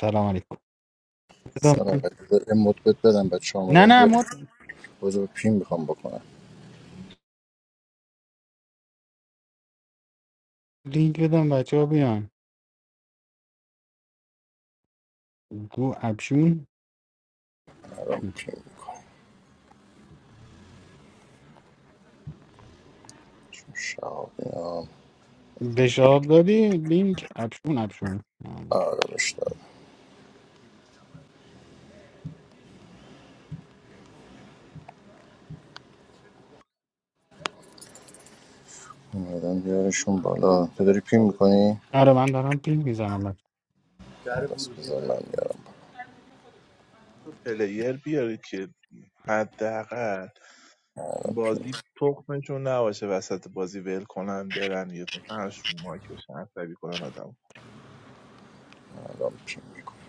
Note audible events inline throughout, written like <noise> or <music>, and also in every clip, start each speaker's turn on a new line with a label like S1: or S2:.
S1: سلام علیکم بذار من
S2: سلام ولی یه مدبت بدم بچه
S1: نه
S2: آمدن
S1: نه
S2: بیار
S1: ما
S2: بازه به پیم میخوام بکنم
S1: لینک بدم بچه ها بیان گو ابشون
S2: الان پیم میکنم چون شهاب اینا
S1: بشاب دادی لینک ابشون ابشون
S2: آره بشتر اومدن بیارشون بالا تو داری پیم میکنی؟
S1: آره من دارم پین میزنم بچه
S2: بس بذار من بیارم
S3: تو پلیر بیاری که حداقل
S2: من پیم
S3: بازی تخمشون نباشه وسط بازی ول کنن برن یه همش رو مایک بشن عصبی کنن آدم
S2: الان پیم میکنم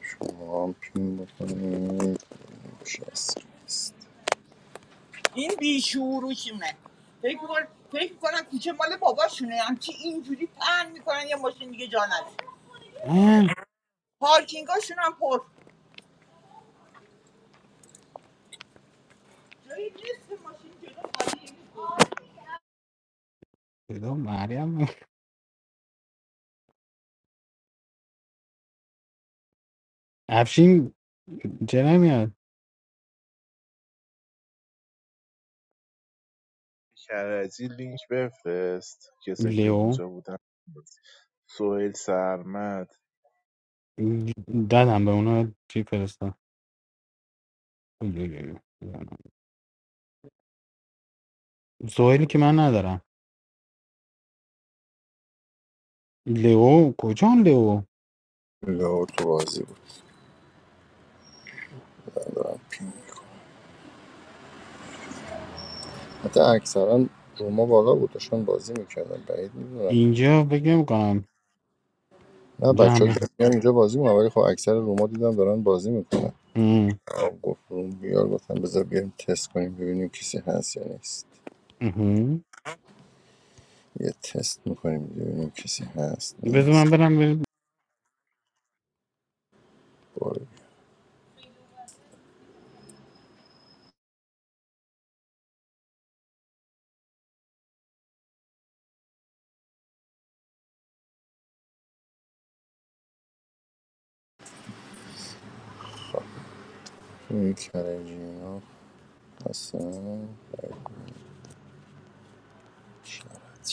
S2: شما هم پیم بکنید چه اسمی است این بیشوروشونه فکر می‌کنن- فکر میکنم کوچه مال باباشونه همچی اینجوری پهن میکنن یه ماشین دیگه جا نداره
S1: اه،
S2: پارکینگاشون هم پر جایی نیست که ماشین جلو خالیه.
S1: صدا مریم افشین چه نمیاد
S3: کرجی لینک بفرست کسی که
S1: لیو
S3: اونجا بودن سوهل سرمد
S1: دادم به اونا چی فرستم سوهیلی که من ندارم لیو کجان لیو
S2: لئو تو بازی بود من دارم پین میکنم حتی اکثرا روما بالا بود داشتن بازی میکردن بعید میدونم
S1: اینجا بگم کنم
S2: نه بچه
S1: جمع
S2: ها که میان اینجا بازی میکنن ولی خب اکثر روما دیدم دارن بازی میکنن
S1: بگم
S2: گفت روم بیار گفتم بذار بیاریم تست کنیم ببینیم کسی هست یا نیست یه تست میکنیم ببینیم کسی هست
S1: بذار
S2: نیست
S1: من برم
S2: برو بیا. این کرجی ها هستن شرط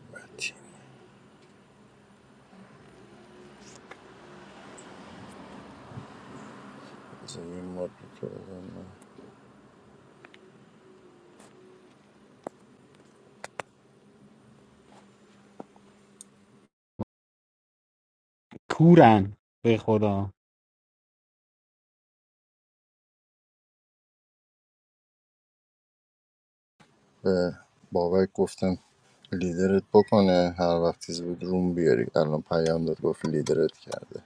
S2: شرطی بذار یه مورد رو بزنم.
S1: کورن به خدا
S2: به بابک گفتم لیدرت بکنه هر وقت چیز بود روم بیاری الان پیام داد گفت لیدرت کرده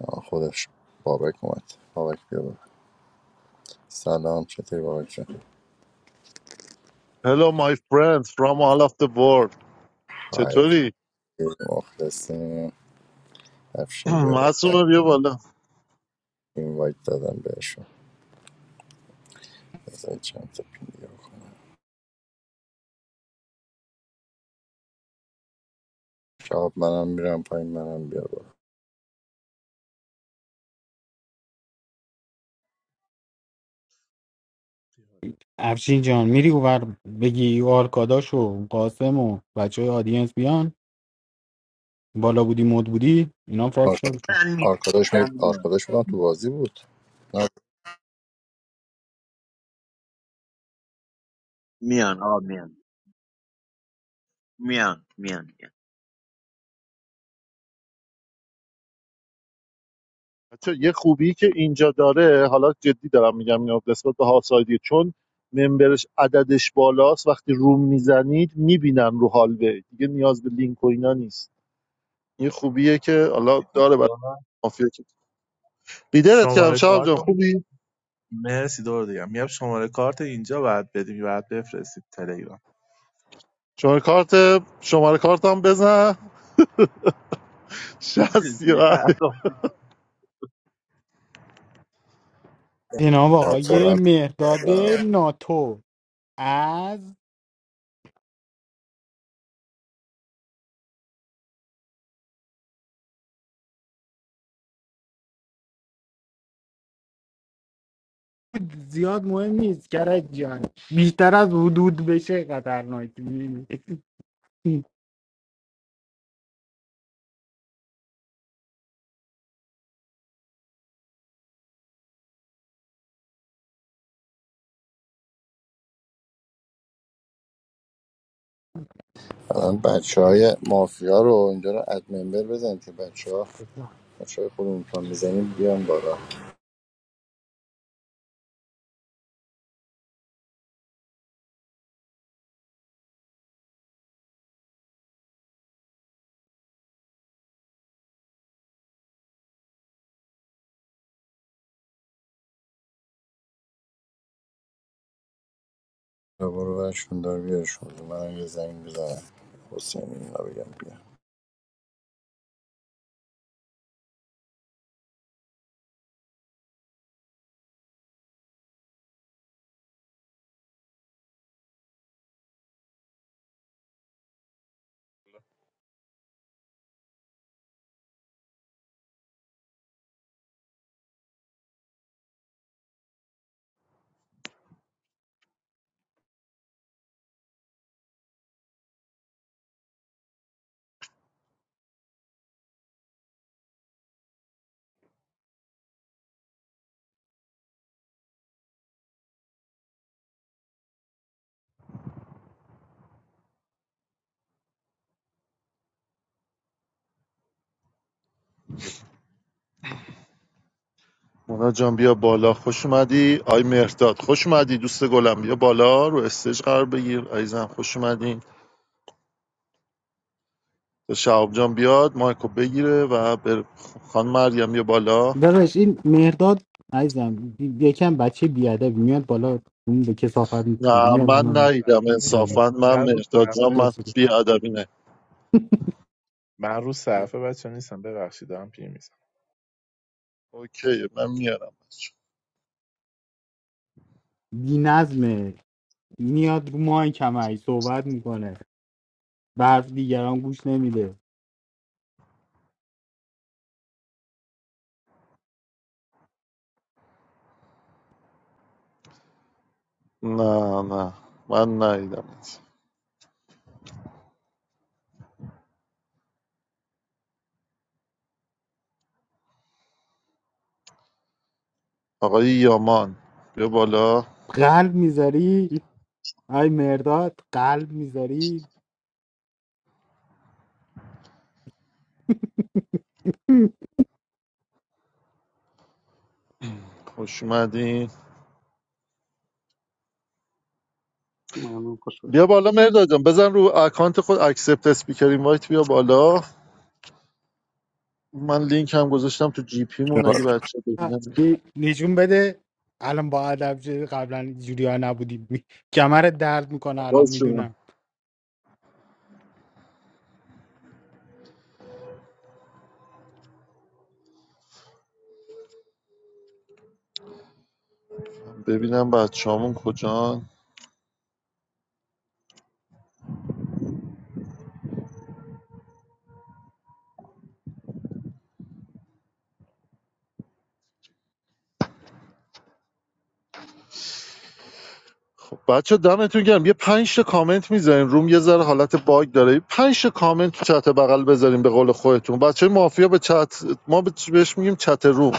S2: آه، خودش بابک اومد بابک بیا بالا. سلام چطوری بابک جان
S4: Hello my friends from all of the world
S2: خیلی
S4: چطوری؟
S2: مخلصیم افشین بیا
S4: <clears throat>
S2: بالا.
S4: معصومه بیا بالا
S2: این وایت دادم بهشون بذاری چند تا پینگه بکنم شاب منم میرم پایین منم بیا بالا
S1: افشین جان میری اوور بگی آرکاداش و قاسم و بچه های آدینس بیان بالا بودی مد بودی اینا فاز
S2: آر-
S1: شد
S5: من میان
S2: آرکاداش می
S5: من میان
S2: آرکاداش بودم تو بازی بود نه
S5: میان آقا میان میان میان میان
S4: بچه یه خوبی که اینجا داره حالا جدی دارم میگم اینو نسبت به هاوسایدی چون ممبرش عددش بالاست وقتی روم میزنید میبینن رو هالوی دیگه نیاز به لینک و اینا نیست این خوبیه که حالا داره برای مافیا که بیدرت کردم
S3: شماره
S4: شهاب جان
S3: کارت هم-
S4: خوبی؟
S3: مرسی دور دیگم میگم شماره کارت اینجا باید بدیم باید بفرستید تلگرام
S4: شماره کارت شماره کارتم بزن <laughs>
S3: چجوری
S4: 60
S3: پرداختی
S1: جناب آقای مهداد
S2: آرکاداش
S1: ناتو از زیاد مهم نیست کرد جان بیشتر از حدود بشه خطرناک
S2: الان بچه های مافیا رو اینجا رو اد ممبر بزن که بچه ها بچه های خودمون تا میزنیم بیان بالا برو برو برشون دار بیارشون منم یه زنگ بزنم حسین اینا بگم بیان
S4: مونا جان بیا بالا خوش اومدی آی مهرداد خوش اومدی دوست گلم بیا بالا رو استیج قرار بگیر عزیزم خوش اومدین تا شهاب جان بیاد مایکو بگیره و بر خان مریم بیا بالا
S1: داداش این مهرداد عزیزم یکم بچه بیادب میاد بالا اون به کسافت میچی
S4: نه
S1: میاد
S4: من نیدم
S3: صفحه نیستم
S1: همه
S4: انصافا من
S3: من رو
S4: مهرداد جان
S3: صفحه
S4: من بی ادبی نه
S3: من رو صفحه بچه نیستم ببخشید دارم پیر
S4: اوکی من میارم بچه.
S1: بی نظمه میاد رو مایک همش صحبت میکنه به حرف دیگران گوش نمیده
S4: نه نه من نیدم آقای یامان بیا بالا
S1: قلب میذاری آی مرداد قلب میذاری
S4: خوش اومدین
S6: Mano
S4: بیا
S6: Kososh.
S4: بالا مهرداد جان بزن رو اکانت خود اکسپت اسپیکر اینوایت بیا بالا من لینک هم گذاشتم تو جی پیمون اگه بچه ببینن
S1: نشون بده الان با ادب شدی، قبلا جوریا نبودی می- کمرت درد میکنه الان
S4: باز شما
S1: میدونم
S4: ببینم بچه‌هامون کجان بچه دمتون گرم یه پنج تا کامنت میذارین روم یه ذره حالت باگ داره پنج تا کامنت تو چت بغل بذارین به قول خودتون بچه مافیا به چت ما به- بهش میگیم چت روم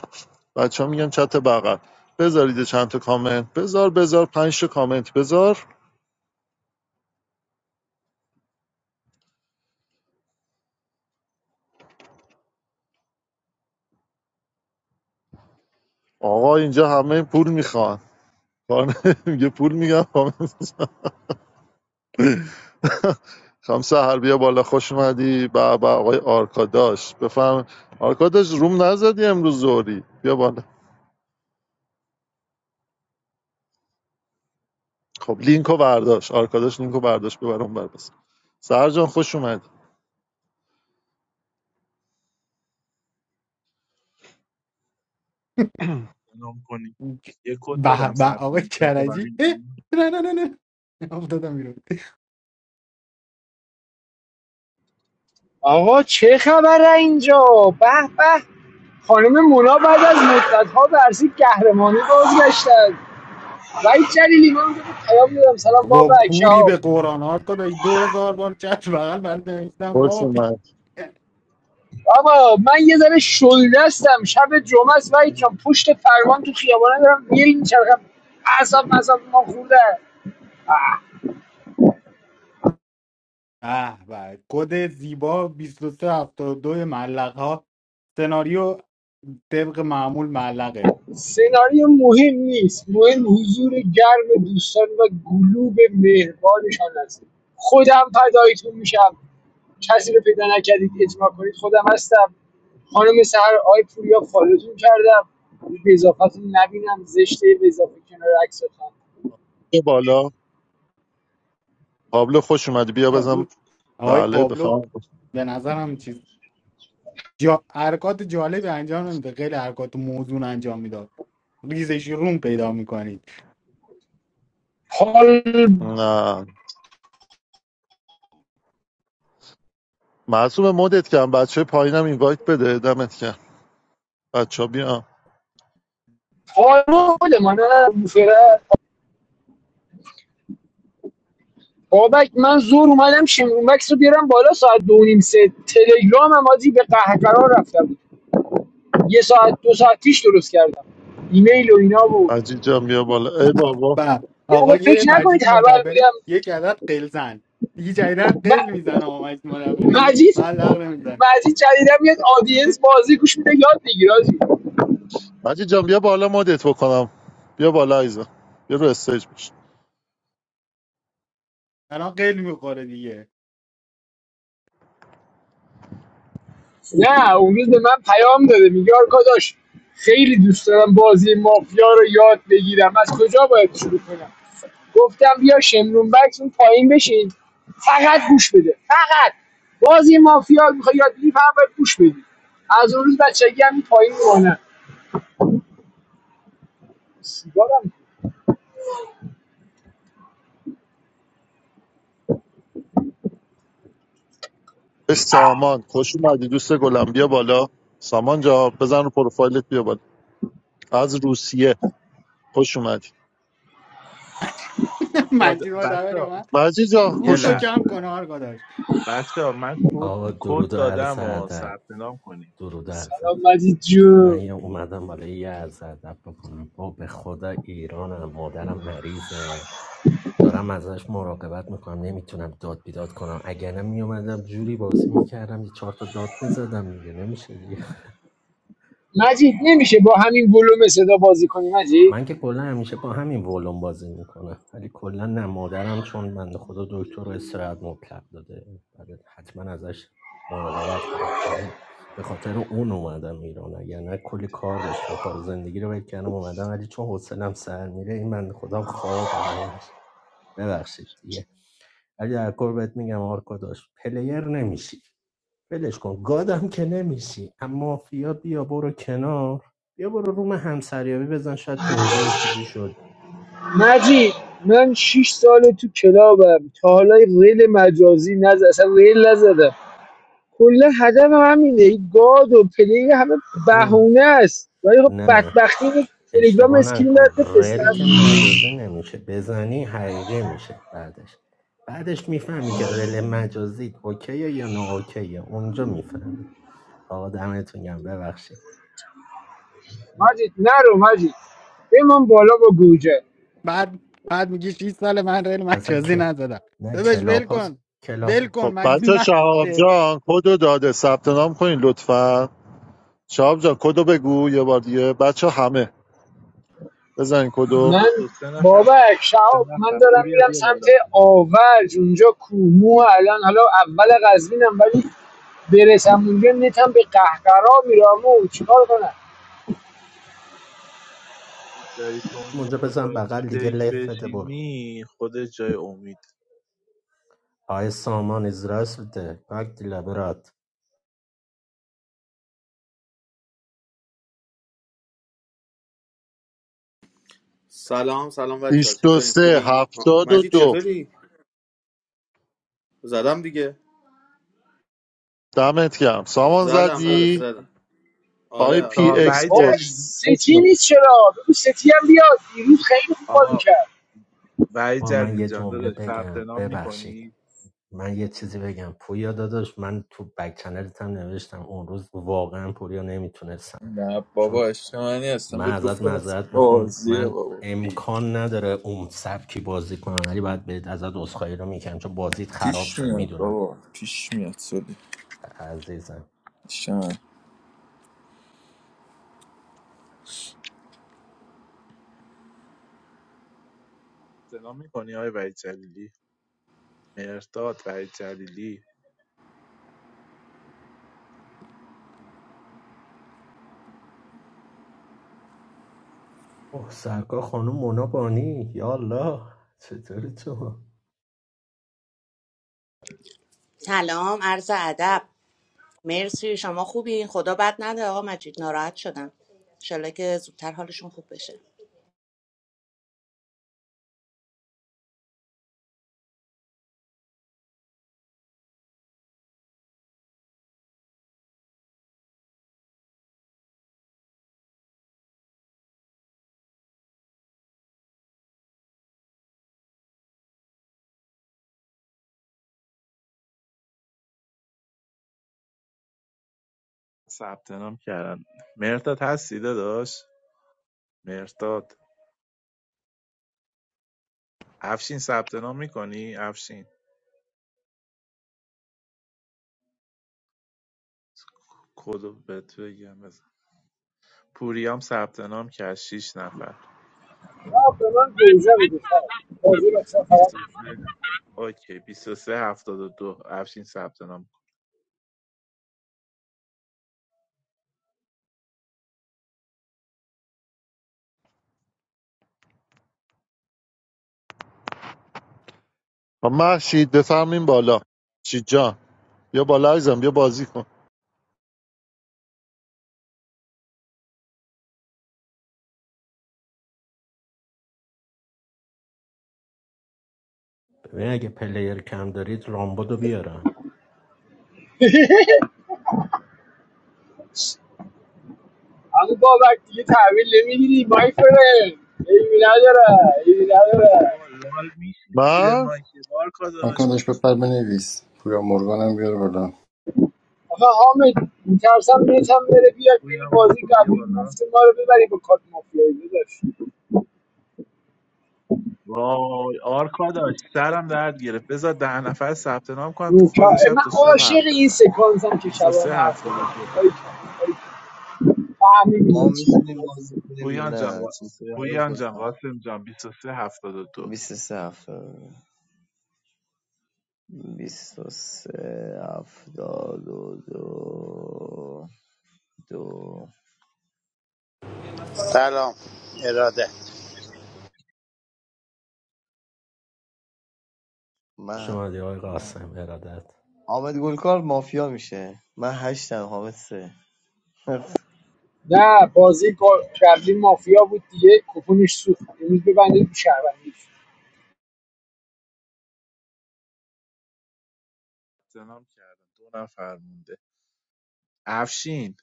S4: بچه ها میگن چت بغل بذارید چند تا کامنت بذار بذار پنج تا کامنت بذار آقا اینجا همه پول میخوان کار نه، میگه پول میگم <laughs> خانم سهر بیا بالا خوش اومدی به به آقای آرکاداش بفهم آرکاداش روم نزدی امروز زوری بیا بالا خب لینکو برداشت آرکاداش لینکو برداشت ببر اون بر بس سهر جان خوش اومدی
S3: نام کنی یه کد
S1: به
S3: بدم
S1: به
S3: ثبت
S1: آقای
S3: نام تا
S1: کرجی
S3: برای
S1: اه،
S3: این.
S1: نه نه نه نه افتادم بیرون
S7: آقا چه خبره اینجا به به خانم مونا بعد از مدت ها ورزی قهرمانی بازگشتن وحید جلیلی من بهت پیام میدم سلام بابا
S1: با کوری
S7: شهاب
S1: به قرآن ها داشت دو هزار بار چت بغل من نوشتم
S4: خوش اومد
S7: آقا من یه ذره شلدستم شب جمعه است وحید جان پشت فرمان تو خیابانه دارم میل میچرخم اعصاب اعصاب ما خورده
S1: به به کد زیبا 2372 ملق ها سناریو طبق معمول ملقه
S7: سناریو مهم نیست مهم حضور گرم دوستان و گلوب مهربانشان است خودم فدایتون میشم کسی رو پیدا نکردید اجماع کنید خودم هستم خانم سهر آی پوریا فالوتون کردم به اضافتون نبینم زشته به اضافه کنار عکستان
S4: بیا بالا پابلو خوش اومدی بیا
S1: آه،
S4: بزن
S1: این آقای
S4: بله
S1: پابلو
S4: بفهم
S1: به نظرم چیز جا... حرکات جالبی انجام نمیده خیلی حرکات موزون انجام میداد ریزش روم پیدا میکنید
S7: حال
S4: نه معصوم مدت کردم بچه پایینم اینوایت بده دمت کردم بچه ها بیا
S7: حالا خودمان فرد بابک من زور اومدم شمرون بکس رو بیارم بالا ساعت دو و نیم سه تلگرام هم آجی به قهقرار رفتم یه ساعت دو ساعت پیش درست کردم ایمیل و اینا بود
S4: مجید جان بیا بالا ای بابا
S1: و
S7: یه موقع
S1: آقای
S7: فکر نکنید
S1: مجید
S7: خبر
S1: مدبری
S7: بودم
S1: یک عدد قلزن دیگه جدیدن قل
S7: م-
S1: میزنه آقا مجید مدبری
S7: مجید
S1: ملق نمیزن
S7: مجید جدیدا میاد آدینس بازی گوش میده یاد میگیره
S4: مجید جان بیا بالا مدت بکنم بیا بالا ایزا بیا رو استیج
S1: الان قل میخوره دیگه
S7: نه اون روز به من پیام داده میگه آرکاداش خیلی دوست دارم بازی مافیا رو یاد بگیرم از کجا باید شروع کنم گفتم بیا شمرون بکس اون پایین بشین فقط گوش بده فقط بازی مافیا میخوای یاد بگیری فقط باید گوش بدی از اون روز بچگی هم این پایین میمونه. سیگارم
S4: اش سامان خوش اومدی دوست گلم بیا بالا سامان جا بزن رو پروفایلت بیا بالا از روسیه خوش اومدی
S3: کد
S1: <laughs>
S3: داد
S1: مجید مدبری
S3: بچه
S1: اومد
S4: مجید جا
S3: یه
S1: رو
S4: خوش
S1: تو
S4: اومد
S1: کم
S3: لحظه
S1: کن آرگا
S3: بچه ها، من کد
S8: آقا
S3: کد
S8: درود و عرض
S3: دادم و
S8: ادب
S3: ثبت نام کنید
S8: درود و عرض ادب.
S7: سلام مجید
S8: من
S7: جو
S8: یه اومدم برای یه عرض ادب بکنم با به خدا ایرانم مادرم مریضه دارم ازش مراقبت میکنم نمیتونم داد بیداد کنم اگر نه میومدم جوری بازی میکردم یه چهار تا داد میزدم دیگه نمیشه دیگه.
S7: مجید نمیشه با همین ولوم صدا بازی کنی مجید
S8: من که کلا همیشه با همین ولوم بازی میکنه. ولی کلا نه مادرم چون بنده خدا دکتر رو استراحت مطلق داده بعد حتما ازش مراقبت کنم میگن به خاطر اون اومدم ایران اگر نه کلی کار داشتم کار و زندگی رو ول کردم اومدم ولی چون حوصلم سر میره این بنده خودم خواب همش ببخشید دیگه ولی در کل بهت میگم آرکا داشت پلیر نمیشی ولش کن گادم که نمیشی اما مافیا بیا برو کنار بیا برو روم همسریابی بزن شاید تو اونجا یه چیزی شد
S7: مجید من 6 ساله تو کلابم تا حالا ریل مجازی نز اصلا ریل نزدم کلا هدف همینه این گاد و پلی همه
S8: ببین
S7: بهونه است ولی خب
S8: نه
S7: بدبختی اینه که تلگرام
S8: اشتباه
S7: اسکرین برات
S8: نکن رل
S7: بفرستم
S8: که مجازی نمیشه بزنی حقیقی میشه بعدش بعدش میفهمی که رل مجازی اوکیه یا نه اوکیه اونجا میفهمی آقا دمتون گم ببخشید
S7: مجید نرو مجید بمان بالا با گوجه
S1: بعد بعد میگی 6 سال من ریل
S8: اصلا
S1: مجازی
S8: که
S1: نزدم
S8: نه
S1: داداش ول
S8: کلاب هاست
S1: کن
S8: کلاب
S1: ول کن
S4: خب
S1: مدین
S4: بچه
S1: من
S4: شهاب جان کدو داده ثبت نام کنین لطفا شهاب جان کدو بگو یه بار دیگه بچه همه بزن کدو
S3: هفتاد و
S7: من
S3: دو سه نفر ثبت-
S7: بابک
S3: سه
S7: شهاب من
S3: نفر
S7: دارم
S3: پوریا
S7: میرم
S3: بیا
S7: سمت
S3: بالا
S7: آورج اونجا کومو الان حالا اول قزوینم ولی برسم اونجا نتم به قهقرا میرم و چیکار کنم
S3: جایی تو اون
S8: اونجا
S3: موقع
S8: بزن
S3: باید تو
S8: بغل دیگه
S3: دک
S8: لفت برو
S3: بشینی خود جای امید
S8: آقای سامان از راست بده پاک لبرات
S9: سلام سلام بچه ها چطورین خوبین
S4: 23
S9: ها،
S4: دو
S9: مجید چطوری زدم دیگه
S4: دمت گرم سامان
S9: زدم داداش
S3: ثبت
S4: زدی
S9: زدم
S3: نام.
S4: آی
S9: آره آره
S4: پی
S3: چهار
S4: اکس
S3: وحید
S7: بابک
S4: پوش
S3: جلیلی
S4: خوش
S7: ستی
S4: اومد
S7: نیست چرا بگو ستی هم بیاد دیروز خیلی خوب بازی
S3: آقا
S7: کرد
S3: وحید
S8: با من
S3: جلیلی
S8: یه
S3: جان
S8: جمله
S3: داداش ثبت
S8: بگم
S3: نام
S8: ببخشید
S3: میکنی
S8: من یه چیزی بگم پویا داداش من تو بک چنلت هم نوشتم اون روز واقعا پوریا نمیتونستم
S10: نه
S8: چون
S10: بابا عشق منی هستم
S8: من
S10: بهت
S8: ازت
S10: گفتم اصلا
S8: معذرت میخوام
S10: بازیه
S8: من
S10: بابا بی
S8: امکان نداره اون سبکی بازی کنم ولی باید بهت ازت عذرخواهی رو میکنم چون بازیت خراب
S10: پیش
S8: شد
S10: میاد
S8: میدونم
S10: بابا پیش میاد سولی
S8: عزیزم
S10: عشق من.
S3: ثبت نام میکنی آقای وحید جلیلی مرداد وحید جلیلی
S8: اوه سرکار خانم مونا بانی یا الله چطوری تو
S11: سلام عرض ادب مرسی شما خوبین خدا بد نده آقا مجید ناراحت شدم انشالله که زودتر حالشون خوب بشه
S3: ثبت نام کردن مرداد هستی داداش مرداد افشین ثبت نام میکنی افشین کدو بهت بگم بزن پوریام ثبت نام کرد 6 نفر
S7: شهاب به من گوجه بده شهاب. بازی رو اصلا خراب
S3: 23 اوکی 23 دو افشین ثبت نام کن.
S4: خب، محشید بفرمین بالا چی جان بیا بالا عزیزم بیا بازی کن
S8: ببین اگه پلیر کم دارید رامبودو بیارم
S7: همون بابک دیگه تحویل نمیگیری مای فره ایمی نداره ایمی نداره
S3: بابا لال میشی زیر
S4: من
S3: مایکل آرکاداش
S2: آنکادش بپر بنویس پویا مرگان هم بیار بالا
S7: آخه حامد میترسم هم بره بیاد یعنی
S3: پوریام
S7: بازی
S3: مردم یه
S7: قبلی
S3: بالا
S7: مفت ما رو ببری با کارت مافیایی داداش
S3: وای آرکاداش سرم درد گرفت بذار ده نفر ثبت نام کنن تو فاز شب
S7: من
S3: تا صبح
S12: الان
S7: عاشق
S3: حرف
S7: این
S3: بزن
S7: سکانسم که شبانه
S3: 23
S7: حرف بزنم
S3: دو
S7: باریکلا، فهمیدیم
S12: ما
S7: چی.
S12: میتونیم بازی کنیم یا
S3: پویان جان
S12: نه چطوری حالت
S3: پویان جان
S12: گفتم
S3: قاسم جان 23 72
S12: 23 هفتاد 23 هفتاد و دو دو
S13: سلام اراده
S12: من
S8: شما دی آقای قاسم ارادت
S12: حامد گلکار مافیا میشه من هشتم حامد سه <laughs>
S7: نه بازی با- قبلی مافیا بود دیگه کپونش سوخت امروز ببندید رو شهروندیش
S3: سلام کردم دو ثبت کردن، دو نفر مونده افشین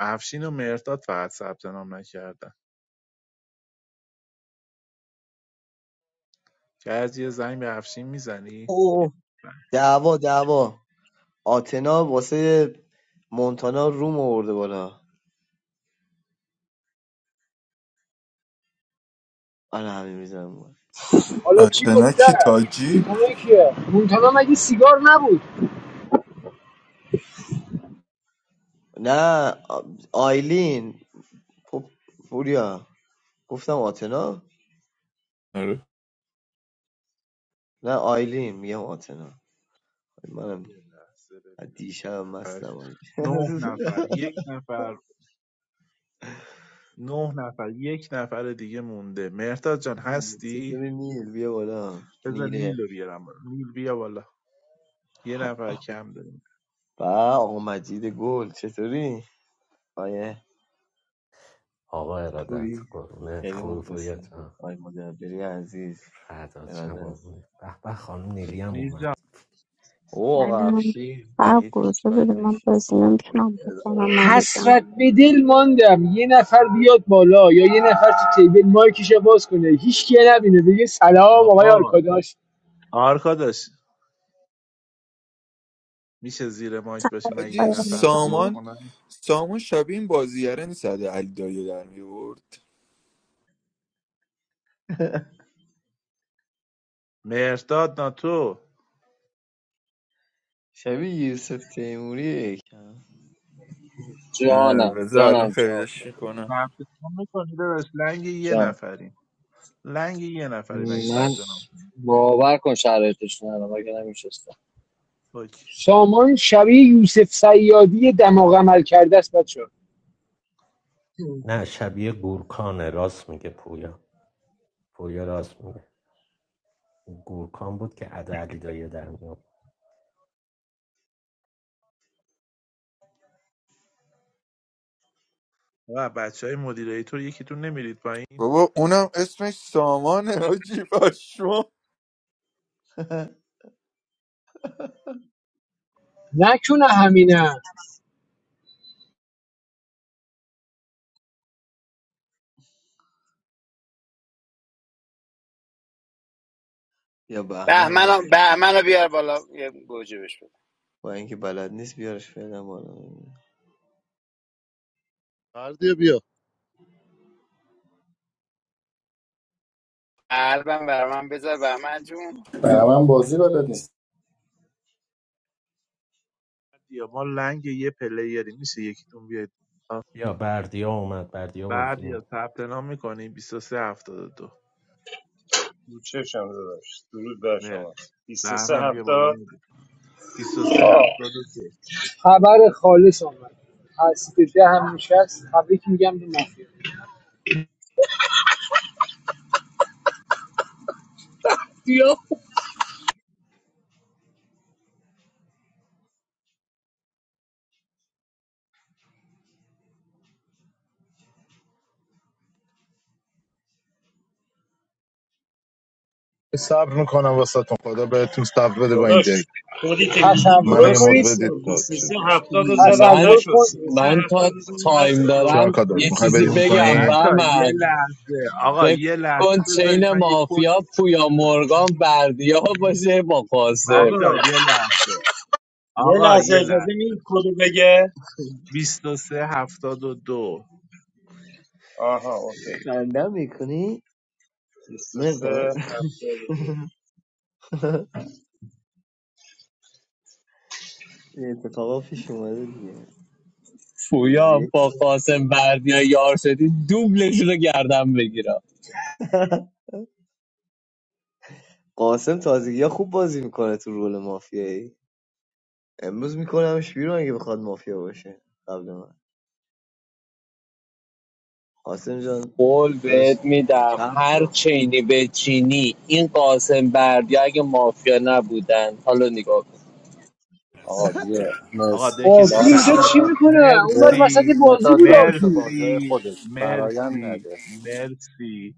S3: افشین و مرداد فقط ثبت نام نکردن که از یه زنگ به افشین میزنی
S12: اوه دعوا دعوا آتنا واسه مونتانا روم آورده بالا آره همین میزنم
S7: حالا چی
S10: اتنا
S7: گفته
S10: کی تاجی
S7: مونتانا کیه مونتانا مگه سیگار نبود
S12: نه آ- آیلین خب پوریا گفتم آتنا
S10: آره
S12: نه آیلین میگم آتنا
S3: یه
S12: منم
S3: لحظه
S12: از
S3: ببینم
S12: دیشب
S3: نه نفر
S12: مستم آجی. <laughs>
S3: نه نفر یک نفر نه نفر یک نفر دیگه مونده مهرداد جان هستی
S12: چطوری نیل بیا بالا
S3: بذار
S12: نیره
S3: نیلو بیارم نیل بیا بالا یه نفر کم داریم
S12: با آقا مجید گل چطوری آیه
S8: آقا ارادت
S12: خوبی
S8: قربونت
S12: خیلی
S8: خوبی پوریا
S12: مخلصی
S8: جان
S12: آی مدبری عزیز
S8: فرداد شم
S12: ارادت است،
S8: قربونه به به خانم نیلی هم
S12: مخلص
S3: نیل
S8: اومد
S3: جان
S12: او
S14: I
S12: آقا
S14: don't know.
S12: افشی وحید پوشبندش سام او.
S7: حسرت به دل ماندم یه نفر بیاد بالا یا یه نفر تو تیبل مایکش باز کنه هیچ کی نبینه بگه سلام آقای
S3: آقا
S7: آرکاداش
S3: آرکا میشه زیر مایک باشی من
S14: I
S3: یه
S10: حاجی
S3: نفر رو
S14: don't
S3: پر
S14: know.
S10: سامان
S3: کنم
S10: سامان شبیه این بازیگره نیست از علی دایی در میورد
S3: مهرداد ناتو
S12: شبیه یوسف تیموری یکم.
S15: جانم
S10: بذار الان
S15: جانم چاپ
S10: خریدش
S15: جان
S10: میکنم
S3: ثبت نام میکنی داداش لنگ یه
S15: جان
S3: نفریم لنگ یه نفری من این
S15: من
S3: ثبت نام
S15: باور کن شرایطش ندارم اگه نمیشستم
S3: اوکی
S7: سامان شبیه یوسف سیادی دماغ عمل کرده است بچه ها،
S8: نه شبیه گورکانه راست میگه پویا پویا راست میگه گورکان بود که ادا علی دایی در میاد
S3: و بچه های مدیریتور یکیتون نمیرید پایین
S10: بابا اونم اسمش سامانه حاجی پشمام
S7: نکنه همینه
S12: یا بهمن اومد
S13: بهمن بهمن رو بیار بالا یه گوجه بهش بده
S12: با اینکه بلد نیست بیارش فعلا بالا
S4: مردی بیا
S13: قلبم بر من بذار بهمن جون
S2: برام هم بازی بلد نیست
S3: یا ما لنگ یه پلیری میشه یکیتون بیاید
S8: یا بردیا اومد بردیا بازی
S3: بعد
S8: می‌کنه.
S3: یا ثبت نام میکنیم بیست و سه میکنی 2372
S16: رو چشم داداش درود بر شما
S3: مرسی
S16: 23
S3: بهمن بیا بالا
S16: هفتاد
S3: مدیر 23 73
S7: خبر خالص آمد هستید ده هم نشست تبریک میگم به مافیا
S15: یا
S17: صبر میکنم واسهتون خدا بهتون صبر بده با این دل
S16: داداش خودی که میگی
S7: تصور
S17: منو یه
S16: درست
S17: مد
S7: کنید
S16: نیست
S17: بدید تا چیز
S16: 23
S17: نشه
S16: هفتاد رو زدم
S15: من
S7: تصور
S16: نشد
S7: کن
S16: 33
S15: من
S16: هفتاد
S15: تا
S16: رو زدم
S15: تایم
S16: نشد
S17: چیکار
S15: دارم
S17: کار داشت
S15: یه
S3: بیست
S17: میخوای
S15: چیزی
S17: بدیم اون
S15: بگم
S17: پایین
S15: به
S3: بچه یه
S15: من
S3: لحظه آقا
S15: فکر
S3: یه لحظه
S15: کن
S3: بذارید
S15: چین
S3: من یه کد
S15: مافیا پویا مرگان بردیا باشه با
S16: آقا
S15: قاسم
S3: بچه یه لحظه
S16: یه
S3: آقا
S16: لحظه
S3: یه
S16: اجازه می
S3: لحظه
S16: کدو بگه
S3: 23 72 دو.
S16: آها اوکی
S12: خنده میکنی
S16: 23
S12: مرداد
S16: هفتاد و دو
S12: <laughs> این اتفاقا پیش اومده دیگه روز
S15: پویا
S12: یک
S15: با قاسم بردیا یار شدی دوبلشون رو گردم بگیرم
S12: قاسم تازگی ها خوب بازی میکنه تو رول مافیایی امروز میکنمش بیرون اگه بخواد مافیا باشه قبل من قاسم جان
S15: قول
S12: داداش
S15: بهت میدم
S12: چپ
S15: هر
S12: رو
S15: چینی به چینی این قاسم بردی اگه مافیا نبودن حالا نگاه
S2: آقا دیگه
S3: آقا
S2: مرسی
S3: دکه تو
S7: آرتور
S3: پ...
S7: اینجا
S3: آقا
S7: چی
S2: لایشون
S7: میکنه اون بر
S2: یه
S7: وسط
S3: مرسی
S7: بازی
S2: مهتاد
S7: بود
S2: جان مثل
S7: آرتور
S2: بازی های
S3: مرسی
S2: خودش برایم
S3: مرسی
S2: نده
S3: مرسی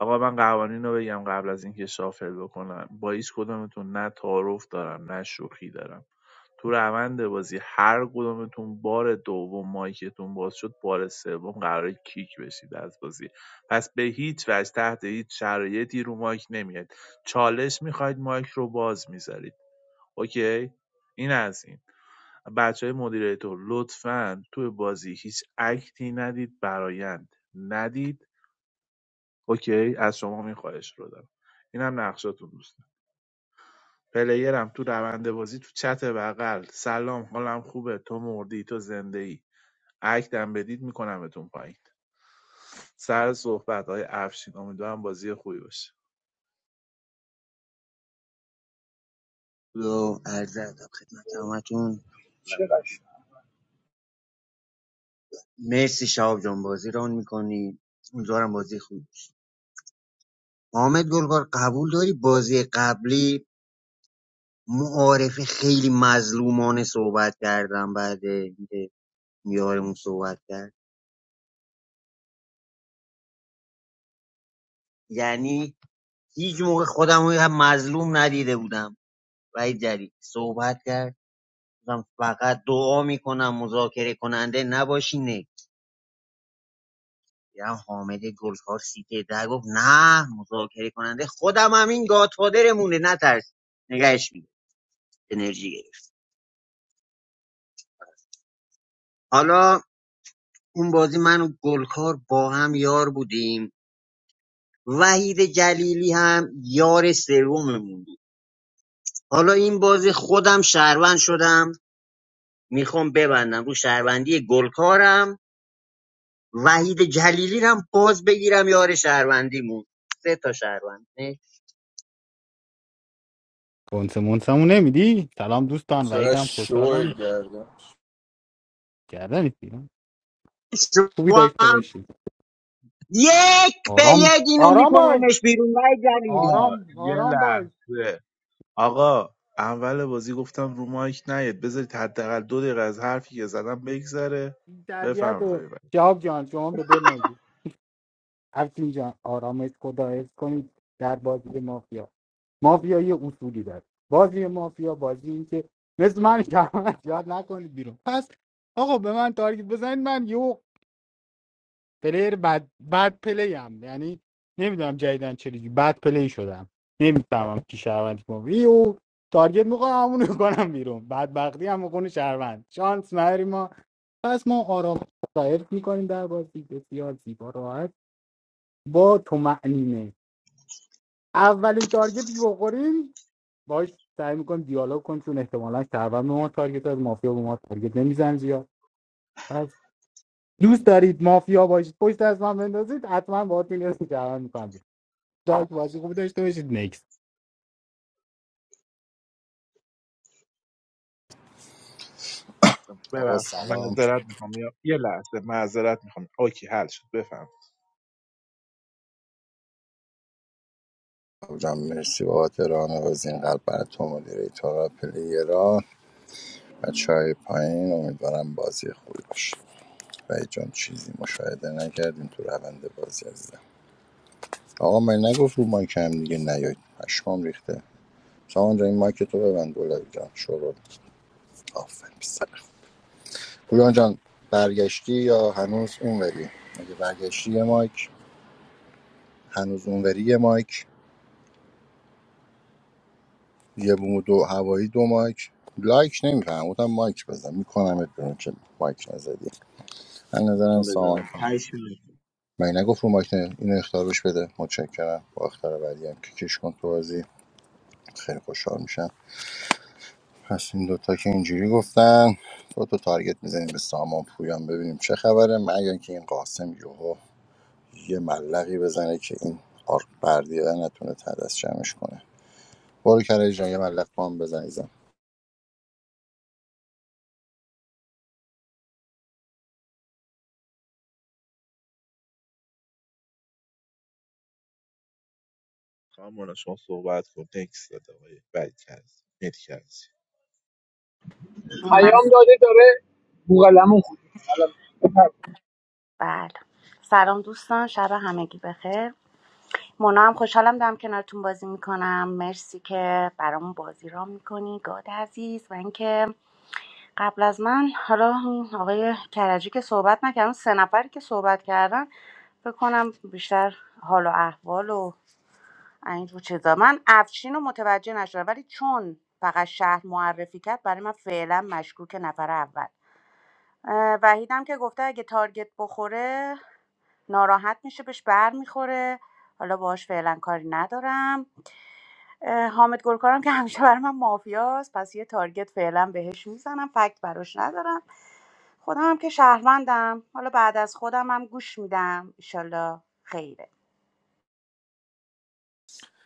S3: آقا من قوانین رو بگم قبل از اینکه شافل بکنم با هیچ کدومتون نه تعارف دارم نه شوخی دارم تو روند بازی هر کدومتون بار دوم مایکتون باز شد بار سوم قراره کیک بشید از بازی پس به هیچ وجه تحت هیچ شرایطی رو مایک نمیاد چالش میخواید مایک رو باز میذارید اوکی این از این بچه های مدیریتور لطفاً توی بازی هیچ اکتی ندید برایند ندید اوکی از شما این خواهش رو دارم اینم نقشاتون دوست پلیرم تو روند بازی تو چت بغل سلام حالم خوبه تو مردی تو زنده ای عکدم بدید میکنمتون پایین سر صحبت های افشین امیدوارم بازی خوبی باشه
S5: و عرض ادب خدمت همتون
S7: چقدر
S5: مرسی شهاب جان بازی ران میکنی امیدوارم بازی خوب حامد گلگار قبول داری بازی قبلی معارفه خیلی مظلومانه صحبت کردم بعد اینکه میارمون صحبت کرد یعنی هیچ موقع خودم رو هم مظلوم ندیده بودم وحید جری صحبت کرد من فقط دعا میکنم مذاکره کننده نباشی نه یا حامد گلکار سیته در گفت نه مذاکره کننده خودم همین گادفادرمونه نترس نگهش میده انرژی گرفت حالا اون بازی من و گلکار با هم یار بودیم وحید جلیلی هم یار سوممون بود حالا این بازی خودم شهروند شدم میخوام ببندم رو شهروندی گلکارم وحید جلیلی هم باز بگیرم یار شهروندیمون سه تا شهروند
S1: کنس مونسمو نمیدی سلام دوستان
S10: چقدر
S1: وعیدم
S10: شوه
S1: خوشحالم
S10: گردم
S1: کردن ایستیدم. خوبی
S5: شما
S1: داشته
S5: هم
S1: باشی
S5: یک به
S1: آرام
S5: یک اینو
S1: آرام باش
S5: میکنمش بیرون وای جلیلی
S3: آه
S1: آرام
S3: یه
S1: آرام باش
S3: لحظه آقا اول بازی گفتم رو مایک نیاد بذارید حداقل دو دقیقه از حرفی که زدم بگذره
S1: این تربیت
S3: بفرمایید
S1: و
S3: آقای وحید.
S1: جواب جان شما به دل نازی افشین جان آرامش خدا حفظ کنید در بازی مافیا مافیا یه اصولی داره بازی مافیا بازی این که مثل من شهروند یاد نکنید بیرون پس آقا به من تارگت بزنید من یه پلیر بد بد پلی هم یعنی نمیدونم جدیدن چه جوری بد پلی شدم نمیفهمم کی شهروند کی مافیا یهو تارگت میکنم همونو میکنم بیرون بدبختی هم میکنه شهروند شانس نداری ما پس ما آرام سایر میکنیم در بازی بسیار زیبا راحت با تو معنیمه اولین تارگتی که بخوریم باهاش سعی میکنم دیالوگ کن چون احتمالا شهروند به ما تارگت از مافیا به ما تارگت نمیزن زیاد پس دوست دارید مافیا باشید پشت از من بندازید حتما باهاتون یه شهروند میکنم دارک بازی خوبی داشته باشید نکس
S2: آقا
S3: ببخشید
S2: سلام
S3: معذرت میخوام یه یه لحظه معذرت میخوام اوکی حل شد بفهم
S2: جان مرسی بابت راه و این قلب برای تو مدیره تو را پلیرا بچه پایین امیدوارم بازی خوبی باشه و جان چیزی مشاهده نکردیم تو روند بازی عزیزم آقا من نگفت رو مایک هم دیگه نیاید. پشمام ریخته سامان جان این مایک تو ببند گلابی جان شروع آفرین پسر خوب. پویان جان برگشتی یا هنوز اونوری اگه برگشتی یه مایک هنوز اونوری یه مایک یه بوم دو هوایی دو مایک لایک نمیفهم گفتم مایک بزن میکنم ات بیرون که مایک نزدی من نظرم
S12: من بزنم
S2: سامان
S12: هشت می‌زنم.
S2: من نگفت رو مایک اینو اختار بهش بده متشکرم با اختار بعدی هم که کش کن تو بازی خیلی خوشحال میشم پس این دوتا که اینجوری گفتن تو تو تارگت میزنیم به سامان پویان ببینیم چه خبره مگر که این قاسم یوهو یه ملقی بزنه که این آرک بردیه نتونه تدست جمعش کنه برو کرج جان یه ملق با هم بزن
S3: خانم مونا، شما صحبت کن تکس داده آقای وحید کرد نت کرد.
S11: من
S7: پیام داده داره بوغلمون خود
S11: بله سلام دوستان شب همگی بخیر مونا هم خوشحالم دارم کنارتون بازی میکنم مرسی که برامون بازی را میکنی گاد عزیز و اینکه قبل از من حالا اون آقای کرجی که صحبت نکردن سه نفری که صحبت کردن بکنم بیشتر حال و احوال و اینجور چیزا من افشین رو متوجه نشدم ولی چون فقط شهر معرفی کرد برای من فعلا مشکوک نفر اول اه، وحیدم که گفته اگه تارگت بخوره ناراحت میشه بهش بر میخوره حالا باهاش فعلا کاری ندارم اه، حامد گلکارم که همیشه برای من مافیاست پس یه تارگت فعلا بهش میزنم فکت براش ندارم خودم هم که شهروندم حالا بعد از خودم هم گوش میدم ایشالله خیره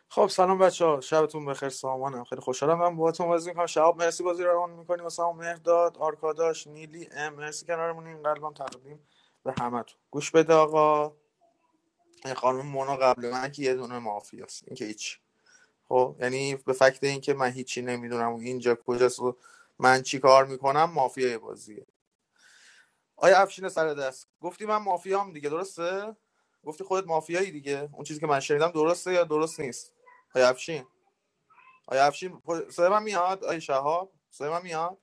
S9: خب سلام بچه ها شبتون بخیر سامانم خیلی خوشحالم من باهاتون بازی میکنم شهاب مرسی بازی رو روان میکنیم واسه هم مهداد آرکاداش نیلی ام مرسی کنارمونیم قلبم تقدیم به همتون گوش بده آقا این خانم مونا قبل من که یه دونه مافیاست این که هیچ خب یعنی به فکت این که من هیچی نمیدونم و اینجا کجاست و من چی کار میکنم مافیای بازیه آیا افشین سر دست گفتی من مافیام دیگه درسته گفتی خودت مافیایی دیگه اون چیزی که من شنیدم درسته یا درست نیست آیا افشین آیا افشین پر- صدای من میاد آیا شهاب صدای من میاد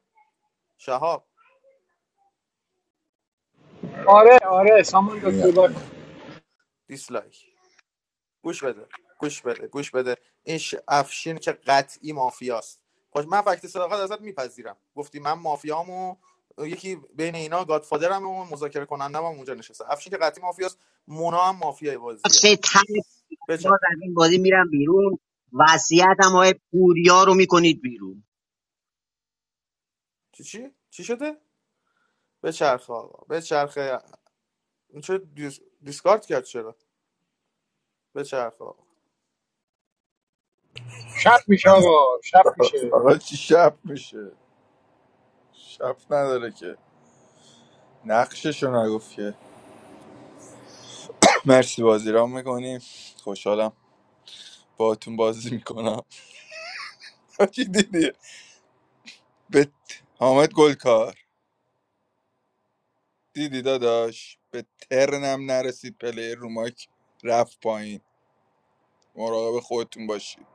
S9: شهاب
S7: آره
S9: آها
S7: آره سامان جان
S2: میاد
S7: صحبت کن.
S2: میاد
S9: دیسلایک گوش بده گوش بده گوش بده این ش... افشین که قطعی مافیاست خب من فکت صداقت ازت میپذیرم گفتی من مافیامو یکی بین اینا گادفادرم و مذاکره کنندم هم اونجا نشسته افشین که قطعی مافیاست مونا هم مافیای
S5: نقش
S9: بازیه
S5: تن
S9: بچه
S5: دار از این بازی میرم بیرون وصیتم های پوریا رو میکنید بیرون
S9: چی چی چی شده به چرخ آقا به چرخ چرا دیس... دیسکارد کرد چرا به چرخ آقا
S7: شب میشه آقا شب میشه
S10: آقا چی شب میشه شب نداره که نقششو نگفت که. مرسی بازی را میکنیم خوشحالم باهاتون بازی میکنم <laughs> چی دیدی به ت- حامد گلکار دیدی داداش به ترنم نرسید پلیر رو مایک رفت پایین مراقب خودتون باشید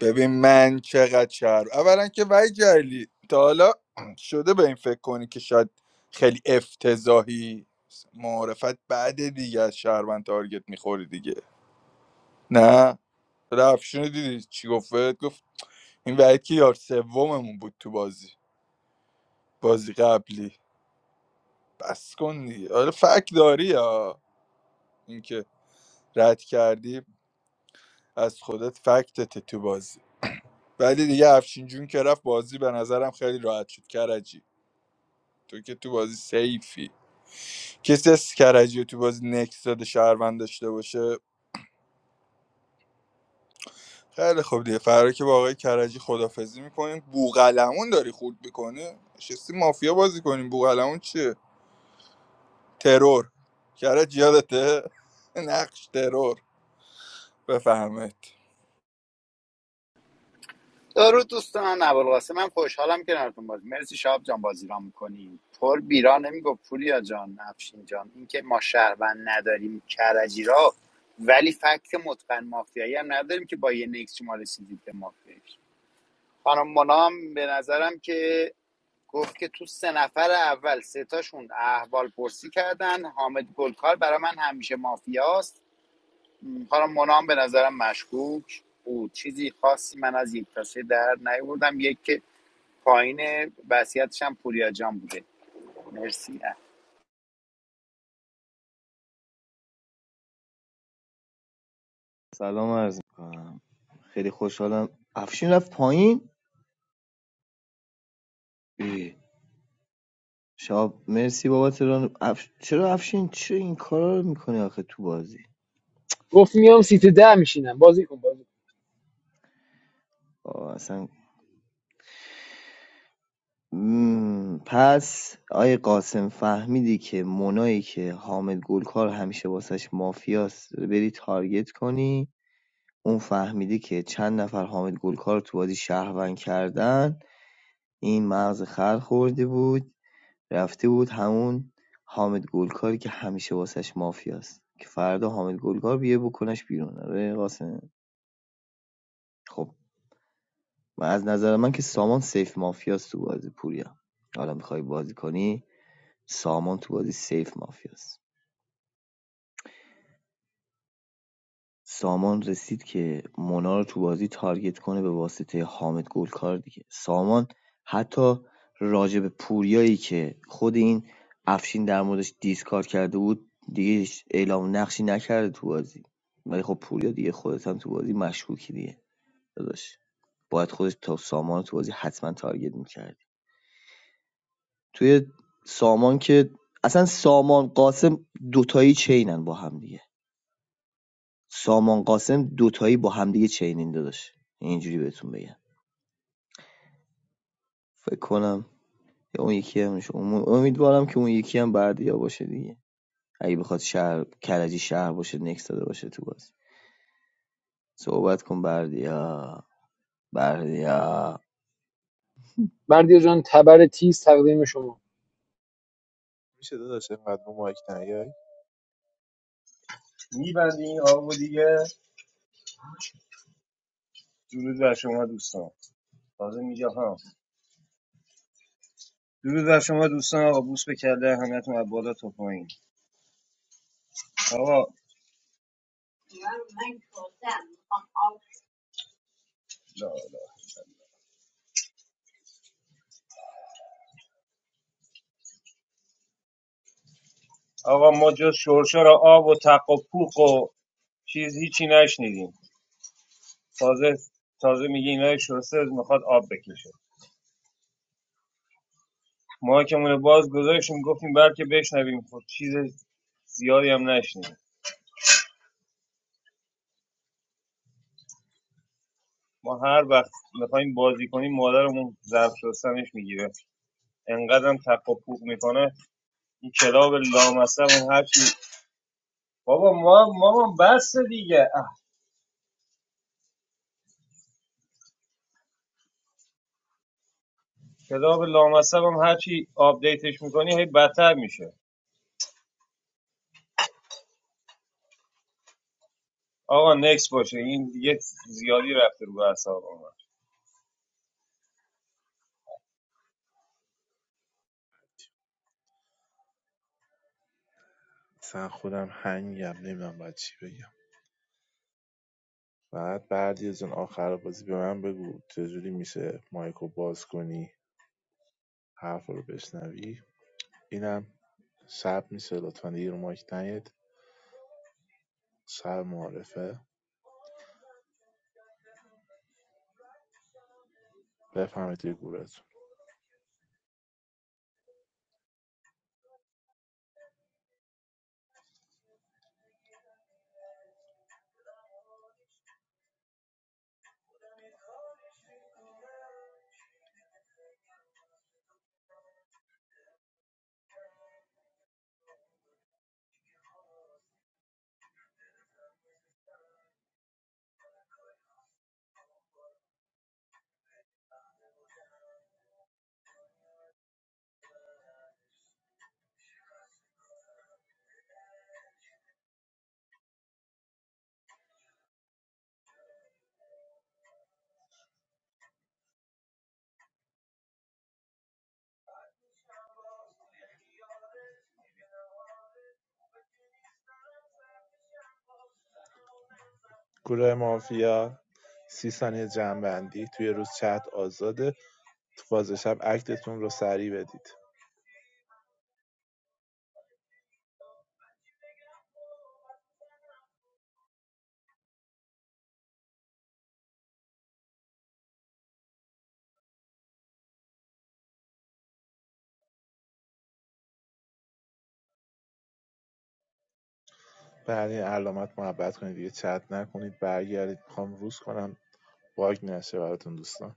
S10: ببین من چقدر شهر اولا که وای جلی تا حالا <clears throat> شده به این فکر کنی که شاید خیلی افتضاحی معرفت بعد دیگه از شهروند تارگت میخوری دیگه نه رفشونو دیدی چی گفت گفت این وکی یار سوممون بود تو بازی بازی قبلی بس کن دیگه آره فک داری یا اینکه رد کردی از خودت فکتت تو بازی ولی دیگه افشین جون که رفت بازی به نظرم خیلی راحت شد کرجی تو که تو بازی سیفی کسی از کرجی رو تو بازی نکس داده شهروند داشته باشه خیلی خوب دیگه فردا که با آقای کرجی خدافزی میکنیم بوغلمون داری خورد میکنی نشستی مافیا بازی کنیم بوغلمون چیه ترور کرج یادته نقش ترور بفهمید
S13: درود دوستان ابوالقاسم من خوشحالم کنارتون بازی مرسی شاب جان بازی را میکنیم پر بیرا نمیگفت پوریا جان افشین جان اینکه ما شهروند نداریم کرجی را ولی فکت متقن مافیایی هم نداریم که با یه نکس شما رسیدید به مافیایی خانم منام به نظرم که گفت که تو سه نفر اول سه تاشون احوال پرسی کردن حامد گلکار برای من همیشه مافیاست م، حالا منام به نظرم مشکوک بود چیزی خاصی من از یک تاشه در نیوردم یک که پایین وصیتش هم پوریا جان بوده مرسی
S12: سلام عرض میکنم خیلی خوشحالم افشین رفت پایین ای، شاب مرسی بابا تهران اف... چرا افشین چرا این کارا رو میکنی آخه تو بازی
S7: گفت میام سیت ده میشینم بازی کن بازی کن.
S12: آه، اصلا مم، پس آیه قاسم فهمیدی که مونایی که حامد گلکار همیشه واسش مافیاست بری تارگت کنی اون فهمیدی که چند نفر حامد گلکار رو تو بازی شهروند کردن این مغز خر خورده بود رفته بود همون حامد گلکاری که همیشه واسش مافیاست که فردا حامد گلکار بیه بکنش بیرون آره قاسم خب و از نظر من که سامان سیف مافیاست تو بازی پوریا حالا میخوای بازی کنی سامان تو بازی سیف مافیاست سامان رسید که مونا رو تو بازی تارگت کنه به واسطه حامد گلکار دیگه سامان حتی راجع به پوریایی که خود این افشین در موردش دیسکار کرده بود دیگه اعلام نقشی نکرده تو بازی ولی خب پوریا دیگه خودت هم تو بازی مشکوکی دیگه داداش باید خودش تا سامان تو بازی حتما تارگت میکردی توی سامان که اصلا سامان قاسم دوتایی چینن با هم دیگه سامان قاسم دوتایی با همدیگه چینین داداش اینجوری بهتون بگم فکر کنم یا اون یکی همش. امیدوارم که اون یکی هم بردیا باشه دیگه اگه بخواد شهر کرجی شهر باشه نکس داده باشه تو بازی صحبت کن بردیا بردیا
S7: بردیا جان تبر تیز تقدیم شما
S3: میشه داداش انقدر رو مایک نیای
S16: میبندی این آقا دیگه درود بر شما دوستان تازه میگه ها درود بر شما دوستان آقا بوس به کله همتون از بالا تا پایین آقا لا لا. آقا ما جز شرشر آب و تق و پوق و چیز هیچی نشنیدیم تازه تازه میگه اینا شسته میخواد آب بکشه ما که مایکمون باز گذاشتیم گفتیم برکه بشنویم خب چیز زیادی هم نشنیدیم ما هر وقت میخوایم بازی کنیم مادرمون ظرف شستنش میگیره انقدرم تق و پوق میکنه این کلاب لامصبم هرچی بابا ما مامان بس دیگه اه. کلاب لامصبم هرچی آپدیتش میکنی هی بدتر میشه آقا نکس باشه این دیگه زیادی رفته رو اعصاب من
S3: مثلا خودم هنگم نمیدونم باید چی بگم بعد بعدی از اون آخر بازی به من بگو چجوری میشه مایک باز کنی حرف رو بشنوی اینم شب میشه لطفا دیگه رو مایک نیاد شب معرفه بفهمید توی گروهتون گروه مافیا سی ثانیه جمعبندی توی روز چت آزاده تو فاز شب اکتتون رو سریع بدید بعد این علامت محبت کنید دیگه چت نکنید برگردید میخوام روز کنم باگ نشه براتون دوستان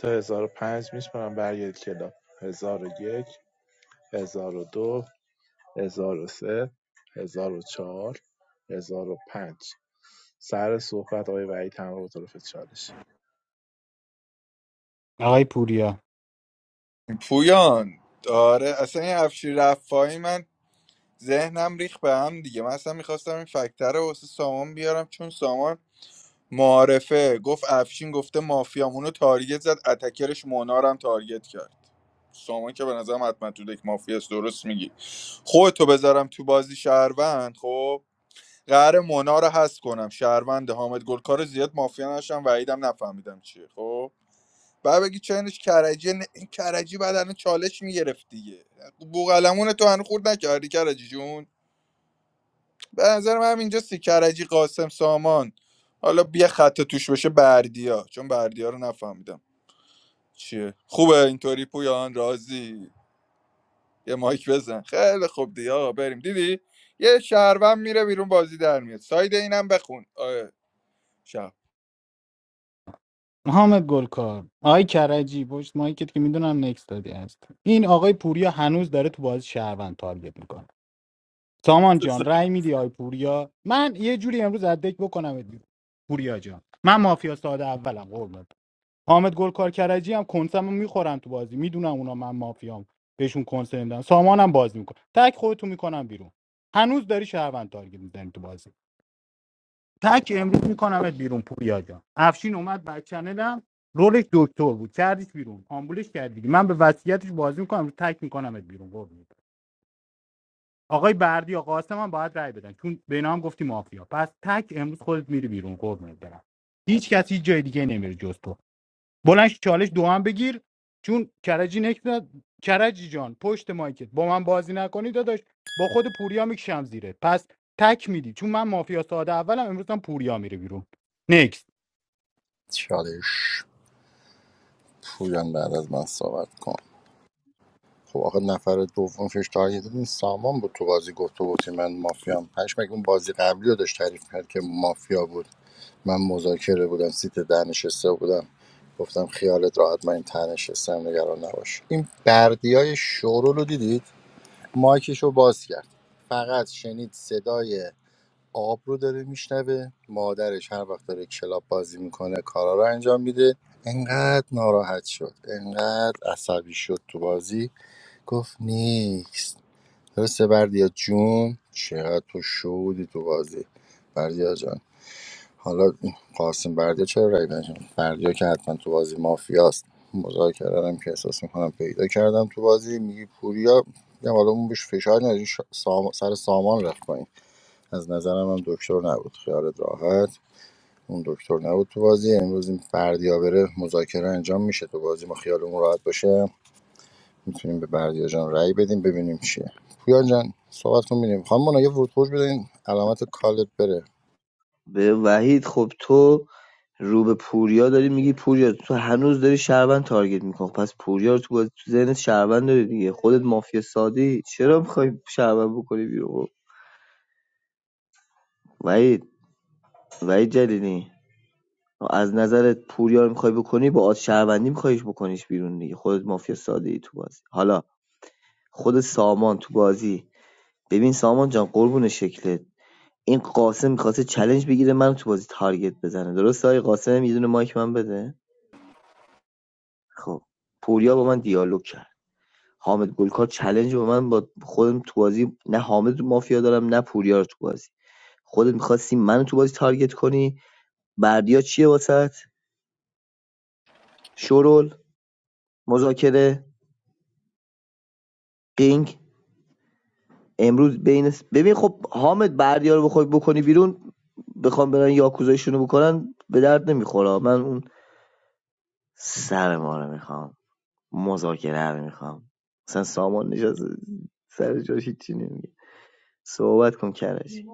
S3: تا 1005 میشمارم برگردید کلاب 1001 1002 1003 1004 1005 سر صحبت آقای وحید همراه با طرف چالش
S1: آقای پوریا
S10: پویان آره اصلا این افشین رفاعی من ذهنم ریخ به هم دیگه من اصلا میخواستم این فکتر رو واسه سامان بیارم چون سامان معارفه گفت افشین گفته مافیامونو تارگت زد اتکرش مونارم تارگت کرد سامان که به نظرم حتما تو دک مافیاست درست میگی خودتو بذارم تو بازی شهروند خب قرار مونا رو حذف کنم شهروند حامد گلکار زیاد مافیا نشم وعیدم نفهمیدم چیه خب بعد بگی چنش کرجی ن... این کرجی بعد الان چالش میگرفت دیگه بوقلمون تو هنو خورد نکردی کرجی جون به نظر من اینجا سی کرجی قاسم سامان حالا بیا خط توش بشه بردیا چون بردیا رو نفهمیدم چیه خوبه اینطوری پویان راضی یه مایک بزن خیلی خوب دیگه آقا بریم دیدی یه شهروند میره بیرون بازی در میاد ساید اینم بخون آه. شب
S1: محمد گلکار آقای کرجی پشت مایکت که میدونم نکس دادی هست این آقای پوریا هنوز داره تو بازی شهروند تارگت میکنه سامان جان رأی میدی آقای پوریا من یه جوری امروز از دک بکنم ات بیرون. پوریا جان من مافیا ساده اولم قربونت حامد گلکار کرجی هم کنسمو میخورن تو بازی میدونم اونا من مافیام بهشون کنسه نمیدم سامانم بازی میکنه تک خودتو میکنم بیرون هنوز داری شهروند تارگت میزنی تو بازی تک امروز میکنمت بیرون پوریا جان افشین اومد بر چنلم رولش دکتر بود کردیش بیرون آمبولش کردی من به وصیتش بازی میکنم تک میکنمت بیرون قربونت آقای بردی یا قاسم هم باید رای بدن چون به اینا هم گفتی مافیا پس تک امروز خودت میری بیرون قربونت برم هیچ کسی جای دیگه نمیره جز تو بلند چالش دو هم بگیر چون کرجی نکرد کرجی جان پشت مایکت با من بازی نکنی داداش با خود پوریا میکشم زیره پس تک میدی چون من مافیا ساده اولم امروز هم پوریا میره بیرون نکس
S2: چالش پویان بعد از من صحبت کن خب آقا نفر دوم فش تارگت این سامان بود تو بازی گفت تو من مافیام پشمک اون بازی قبلی رو داشت تعریف کرد که مافیا بود من مذاکره بودم سیت ده نشسته بودم گفتم خیالت راحت من این ته نشستم نگران نباش این بردی های شورول رو دیدید مایکش رو باز کرد فقط شنید صدای آب رو داره میشنوه مادرش هر وقت داره کلاب بازی میکنه کارا رو انجام میده انقدر ناراحت شد انقدر عصبی شد تو بازی گفت نیکس درسته بردیا جون چقدر تو شودی تو بازی بردیا جان حالا این قاسم بردیا چرا رای نشون بردیا که حتما تو بازی مافیاست مذاکره هم که احساس میکنم پیدا کردم تو بازی میگی پوریا میگم حالا اون بهش فشار نداری شا- سام... سر سامان رفت پایین از نظرم هم دکتر نبود خیالت راحت اون دکتر نبود تو بازی امروز این بردیا بره مذاکره انجام میشه تو بازی ما خیالمون راحت باشه میتونیم به بردیا جان رأی بدیم ببینیم چیه پویا جان صحبت کن ببینیم خانم مونا یه ورود خروج بدین علامت کالت بره
S12: به وحید خب تو رو به پوریا داری میگی پوریا تو هنوز داری شهروند تارگت میکنی پس پوریا رو تو باز تو ذهنت شهروند داری دیگه خودت مافیا سادی چرا میخوای شهروند بکنی بیرون خب، وحید وحید جلیلی از نظرت پوریا میخوای بکنی با آد شهروندی میخوایش بکنیش بیرون دیگه خودت مافیا ساده ای تو بازی حالا خود سامان تو بازی ببین سامان جان قربون شکلت این قاسم میخواسته چالش بگیره من تو بازی تارگت بزنه درسته آقای قاسم یه دونه مایک من بده خب پوریا با من دیالوگ کرد حامد گلکار چالش با من با خودم تو بازی نه حامد مافیا دارم نه پوریا رو تو بازی خودت میخواستی منو تو بازی تارگت کنی بردیا چیه واسط شورول مذاکره قینگ امروز بین س- ببین خب حامد بردیا رو بخوای بکنی بیرون بخوام برن یاکوزایشون رو بکنن به درد نمیخوره من اون سر ما رو میخوام مذاکره رو میخوام مثلا سامان نشست سر جاش هیچی نمیگه صحبت کن کرج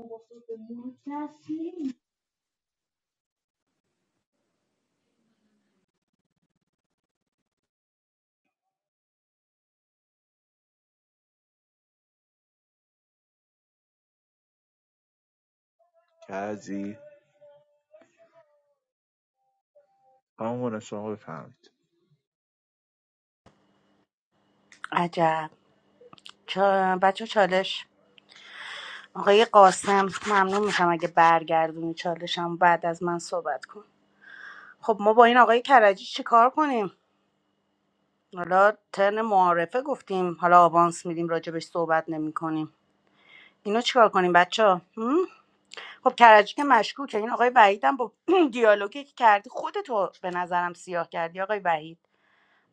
S3: کرجی همون شما بفهمید
S11: عجب چا... بچه چالش آقای قاسم ممنون میشم اگه برگردونی چالشم بعد از من صحبت کن خب ما با این آقای کرجی چی کار کنیم حالا ترن معارفه گفتیم حالا آوانس میدیم راجبش صحبت نمی کنیم اینو چیکار کنیم بچه ها؟ خب کرجی که مشکوکه این آقای وحید هم با <clears throat> دیالوگی که کردی خودتو به نظرم سیاه کردی آقای وحید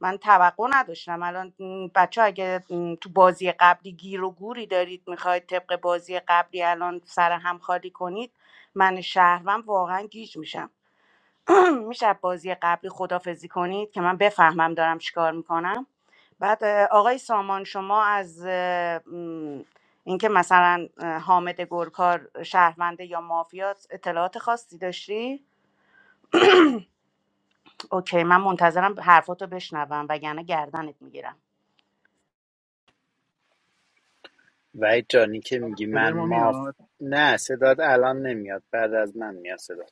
S11: من توقع نداشتم الان بچه اگه تو بازی قبلی گیر و گوری دارید میخواید طبق بازی قبلی الان سر هم خالی کنید من شهروم واقعا گیج میشم <clears throat> میشه بازی قبلی خدافزی کنید که من بفهمم دارم چیکار میکنم بعد اه، آقای سامان شما از اه، م، اینکه مثلا اه، حامد گلکار شهرونده یا مافیات اطلاعات خاصی داشتی؟ اوکی من منتظرم حرفاتو بشنوم وگرنه گردنت میگیرم
S13: وحید جانی که
S18: آب
S13: میگی
S18: صدای
S13: من
S18: ما
S13: ماف
S18: میاد
S13: نه صداد الان نمیاد بعد از من میاد صداد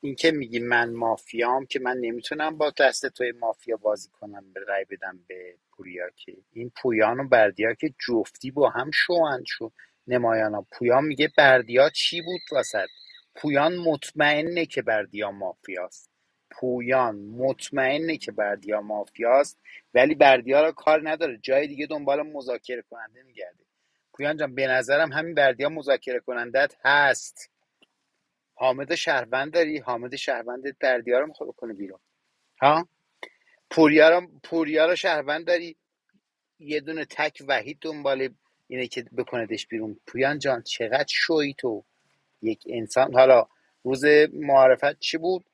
S13: اینکه میگی من مافیام که من نمیتونم با دست توی مافیا بازی کنم به رای بدم به پوریا که این پویان و بردیا که جفتی با هم شوند شو نمایانا پویان میگه بردیا چی بود واسد پویان مطمئنه که بردیا مافیاست پویان مطمئنه که بردیا مافیاست ولی بردیا را کار نداره جای دیگه دنبال مذاکره کننده میگرده پویان جان به نظرم همین بردیا مذاکره کنندت هست حامد شهروند داری حامد شهروند بردیا رو میخواد بکنه بیرون ها پوریا رو پوریا شهروند داری یه دونه تک وحید دنبال اینه که بکندش بیرون پویان جان چقدر شوی تو یک انسان حالا روز معرفت چی بود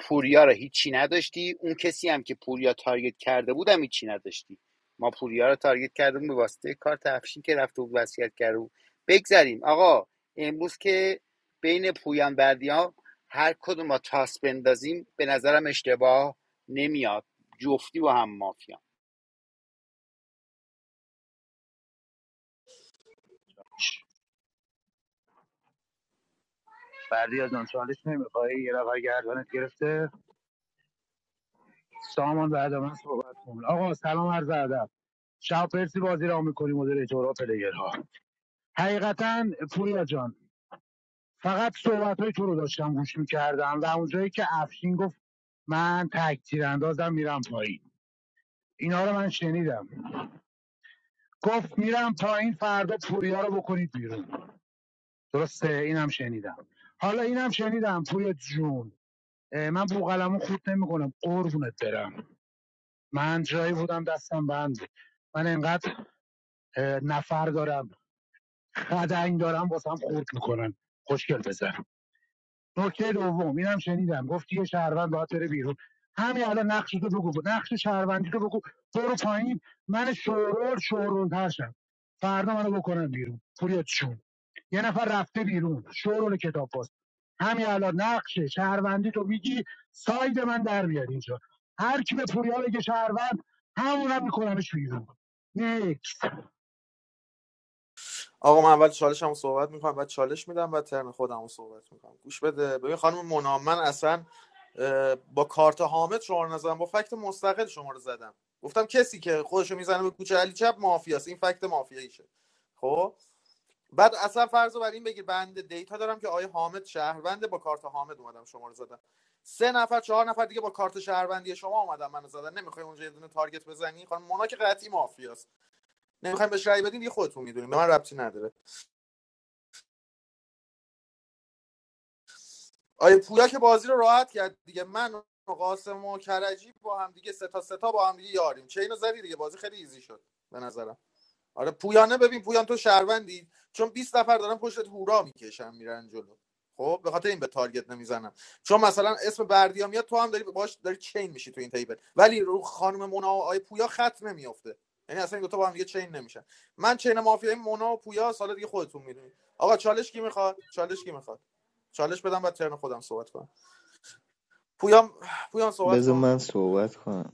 S13: پوریا رو هیچی نداشتی اون کسی هم که پوریا تارگت کرده بود هم هیچی نداشتی ما پوریا رو تارگت کردیم به واسطه کار افشین که رفته بود وصیت کرده بود بگذریم آقا امروز که بین پویان بردیان هر کدوم ما تاس بندازیم به نظرم اشتباه نمیاد جفتی با هم مافیا
S18: بردیا جان چالش نمیخوای یه رقای گردنت گرفته سامان بعد من صحبت کن آقا سلام عرض ادب شب پرسی بازی را میکنیم مدیریتورا ها پلیرها حقیقتا پوریا جان فقط صحبت تو رو داشتم گوش میکردم و اونجایی که افشین گفت من تکتیر اندازم میرم پایین اینا رو من شنیدم گفت میرم پایین فردا پوریا رو بکنید بیرون درسته اینم شنیدم حالا اینم شنیدم پوریا جون من بوقلمون خود نمیکنم قربونت برم من جایی بودم دستم بند من انقدر اه، نفر دارم خدنگ دارم واسم خورد میکنن خوشگل بزن نکته دوم اینم شنیدم گفتی یه شهروند باید بره بیرون همین الان نقش تو بگو نقش شهروندی تو بگو برو پایین من شورول شورول ترشم فردا منو بکنن بیرون پوریت چون یه نفر رفته بیرون شورول کتاب باز همین الان نقشه شهروندی تو میگی ساید من در بیاد اینجا هر کی به پوریا بگه شهروند همونم میکنمش بیرون نیکس
S9: آقا من اول چالش هم صحبت میکنم بعد چالش میدم بعد ترن خودمو صحبت میکنم گوش بده ببین خانم منام من اصلا با کارت حامد شما رو نزدم با فکت مستقل شما رو زدم گفتم کسی که خودشو میزنه به کوچه علی چپ مافیاست این فکت مافیاییشه خب بعد اصلا فرض رو بر این بگیر بنده دیتا دارم که آیه حامد شهرونده با کارت حامد اومدم شما رو زدم سه نفر چهار نفر دیگه با کارت شهروندی شما اومدم منو زدن نمیخوای اونجا یه دونه تارگت بزنی خانم مونا که قطعی مافیاست نمیخوایم بهش رأی بدین دیگه خودتون میدونین به من ربطی نداره آیه پویا که بازی رو راحت کرد دیگه من و قاسم و کرجی با هم دیگه سه تا سه تا با هم دیگه یاریم چه اینو زدی دیگه بازی خیلی ایزی شد به نظرم آره پویانه ببین پویان تو شهروندی چون 20 نفر دارن پشتت هورا میکشن میرن جلو خب به خاطر این به تارگت نمیزنم چون مثلا اسم بردیا میاد تو هم داری باش داری چین میشی تو این تیبل ولی رو خانم مونا و آی پویا خط نمیافته یعنی اصلا این دو تا با هم دیگه چین نمیشن من چین مافیای مونا و پویا سال دیگه خودتون میدونید آقا چالش کی میخواد چالش کی میخواد چالش بدم بعد ترن خودم صحبت کنم پویام پویام صحبت
S12: بذار
S9: کن
S12: من صحبت کنم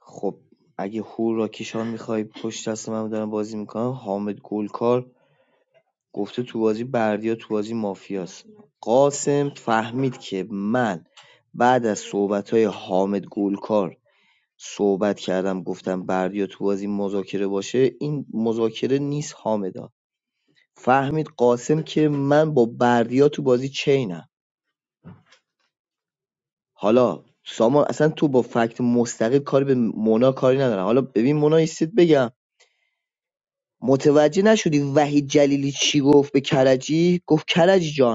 S12: خب اگه هور را کیشان میخوای پشت دست من دارن بازی میکنم حامد گلکار گفته تو بازی بردیا تو بازی مافیاست قاسم فهمید که من بعد از صحبت‌های حامد گلکار صحبت کردم گفتم بردیا تو بازی مذاکره باشه این مذاکره نیست حامدا فهمید قاسم که من با بردیا تو بازی چینم حالا سامان اصلا تو با فکت مستقل کاری به مونا کاری ندارم حالا ببین مونا ایستید بگم متوجه نشدی وحید جلیلی چی گفت به کرجی گفت کرجی جان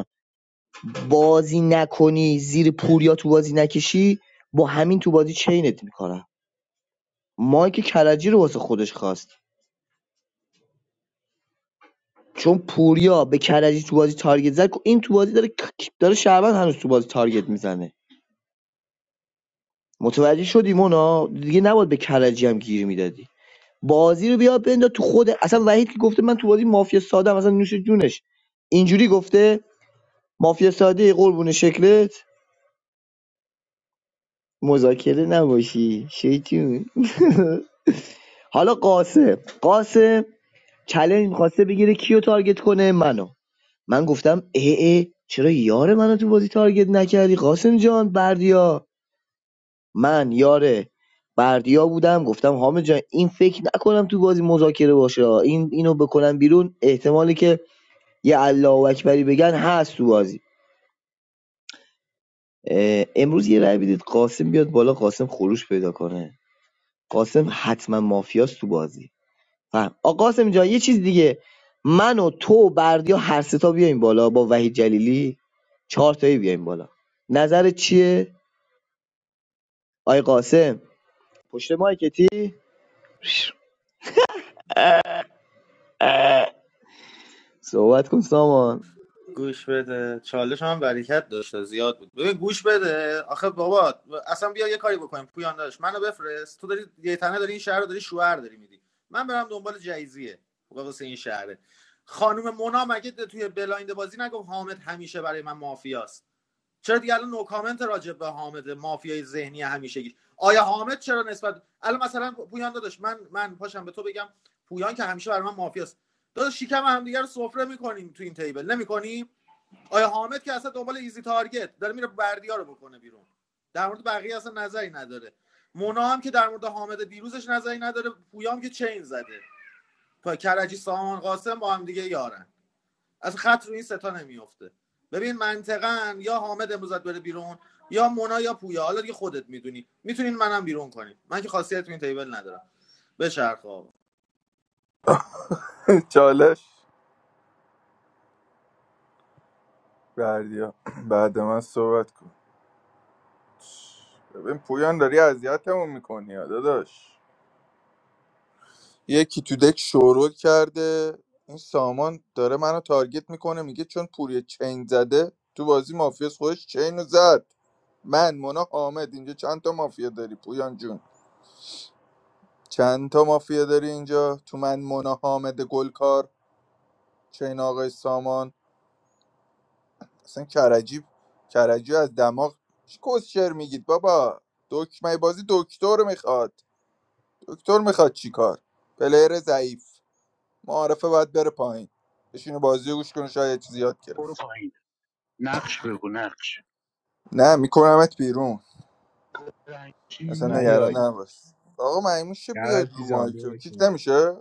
S12: بازی نکنی زیر پوریا تو بازی نکشی با همین تو بازی چینت میکنم مایک کرجی رو واسه خودش خواست چون پوریا به کرجی تو بازی تارگت زد این تو بازی داره داره شعبان هنوز تو بازی تارگت میزنه متوجه شدی مونا دیگه نباید به کرجی هم گیر میدادی بازی رو بیا بنداز تو خود اصلا وحید که گفته من تو بازی مافیا ساده ام، اصلا نوش جونش اینجوری گفته مافیا ساده قربون شکلت مذاکره نباشی شیطون <laughs> حالا قاسم قاسم چلنج میخواسته بگیره کیو تارگت کنه منو من گفتم اه اه چرا یار منو تو بازی تارگت نکردی قاسم جان بردیا من یار بردیا بودم گفتم حامد جان این فکر نکنم تو بازی مذاکره باشه این اینو بکنم بیرون احتمالی که یه الله اکبری بگن هست تو بازی امروز یه رأی بدید قاسم بیاد بالا قاسم خروش پیدا کنه قاسم حتما مافیاست تو بازی فهم آقا قاسم یه چیز دیگه من و تو و بردیا هر سه تا بیایم بالا با وحید جلیلی چهار تایی بیایم بالا نظرت چیه آی قاسم پشت مایکتی صحبت کن سامان
S9: گوش بده چالش هم برکت داشته زیاد بود ببین گوش بده آخه بابا اصلا بیا یه کاری بکنیم پویان داداش منو بفرست تو داری یه تنه داری این شهر رو داری شوهر داری میدی من برم دنبال جایزیه واسه این شهره خانم مونا مگه توی بلایند بازی نگفت حامد همیشه برای من مافیاست چرا دیگه الان نو کامنت راجع به حامد مافیای ذهنی همیشگی آیا حامد چرا نسبت الان مثلا پویان داداش من من پاشم به تو بگم پویان که همیشه برای من مافیاست داداش شکم همدیگه رو سفره میکنیم تو این تیبل نمیکنیم آیا حامد که اصلا دنبال ایزی تارگت داره میره بردیا رو بکنه بیرون در مورد بقیه اصلا نظری نداره مونا هم که در مورد حامد دیروزش نظری نداره پویام که چین زده پا کرجی سامان قاسم با هم دیگه یارن از خط رو این ستا نمیفته ببین منطقا یا حامد امروزت بره بیرون یا مونا یا پویا حالا دیگه خودت میدونی میتونین منم بیرون کنین من که خاصیت این تیبل ندارم بچرخ آقا
S10: چالش بردیا بعد من صحبت کن ببین پویان داری اذیتمون میکنی داداش یکی تو دک شورول کرده این سامان داره منو تارگت میکنه میگه چون پوری چین زده تو بازی مافیاس خودش چین رو زد من مونا حامد اینجا چند تا مافیا داری پویان جون چند تا مافیا داری اینجا تو من مونا حامد گلکار چین آقای سامان اصلا کرجی کرجی از دماغ چی کسشر میگید بابا دکمه بازی دکتر میخواد دکتر میخواد چیکار پلیر ضعیف معارفه باید بره پایین بشینه بازی رو گوش کنه شاید یه چیزی یاد گرفت
S18: برو پایین نقش بگو نقش
S10: نه میکنمت بیرون
S18: رنگی
S10: اصلا
S3: نه
S18: میدی
S3: یای
S10: نگران
S18: بیرون
S10: نباش آقا مهمون شه بیاد
S3: کرد
S10: رو
S3: جان
S10: مایک
S3: بیا
S10: کیک
S3: بشین.
S10: نمیشه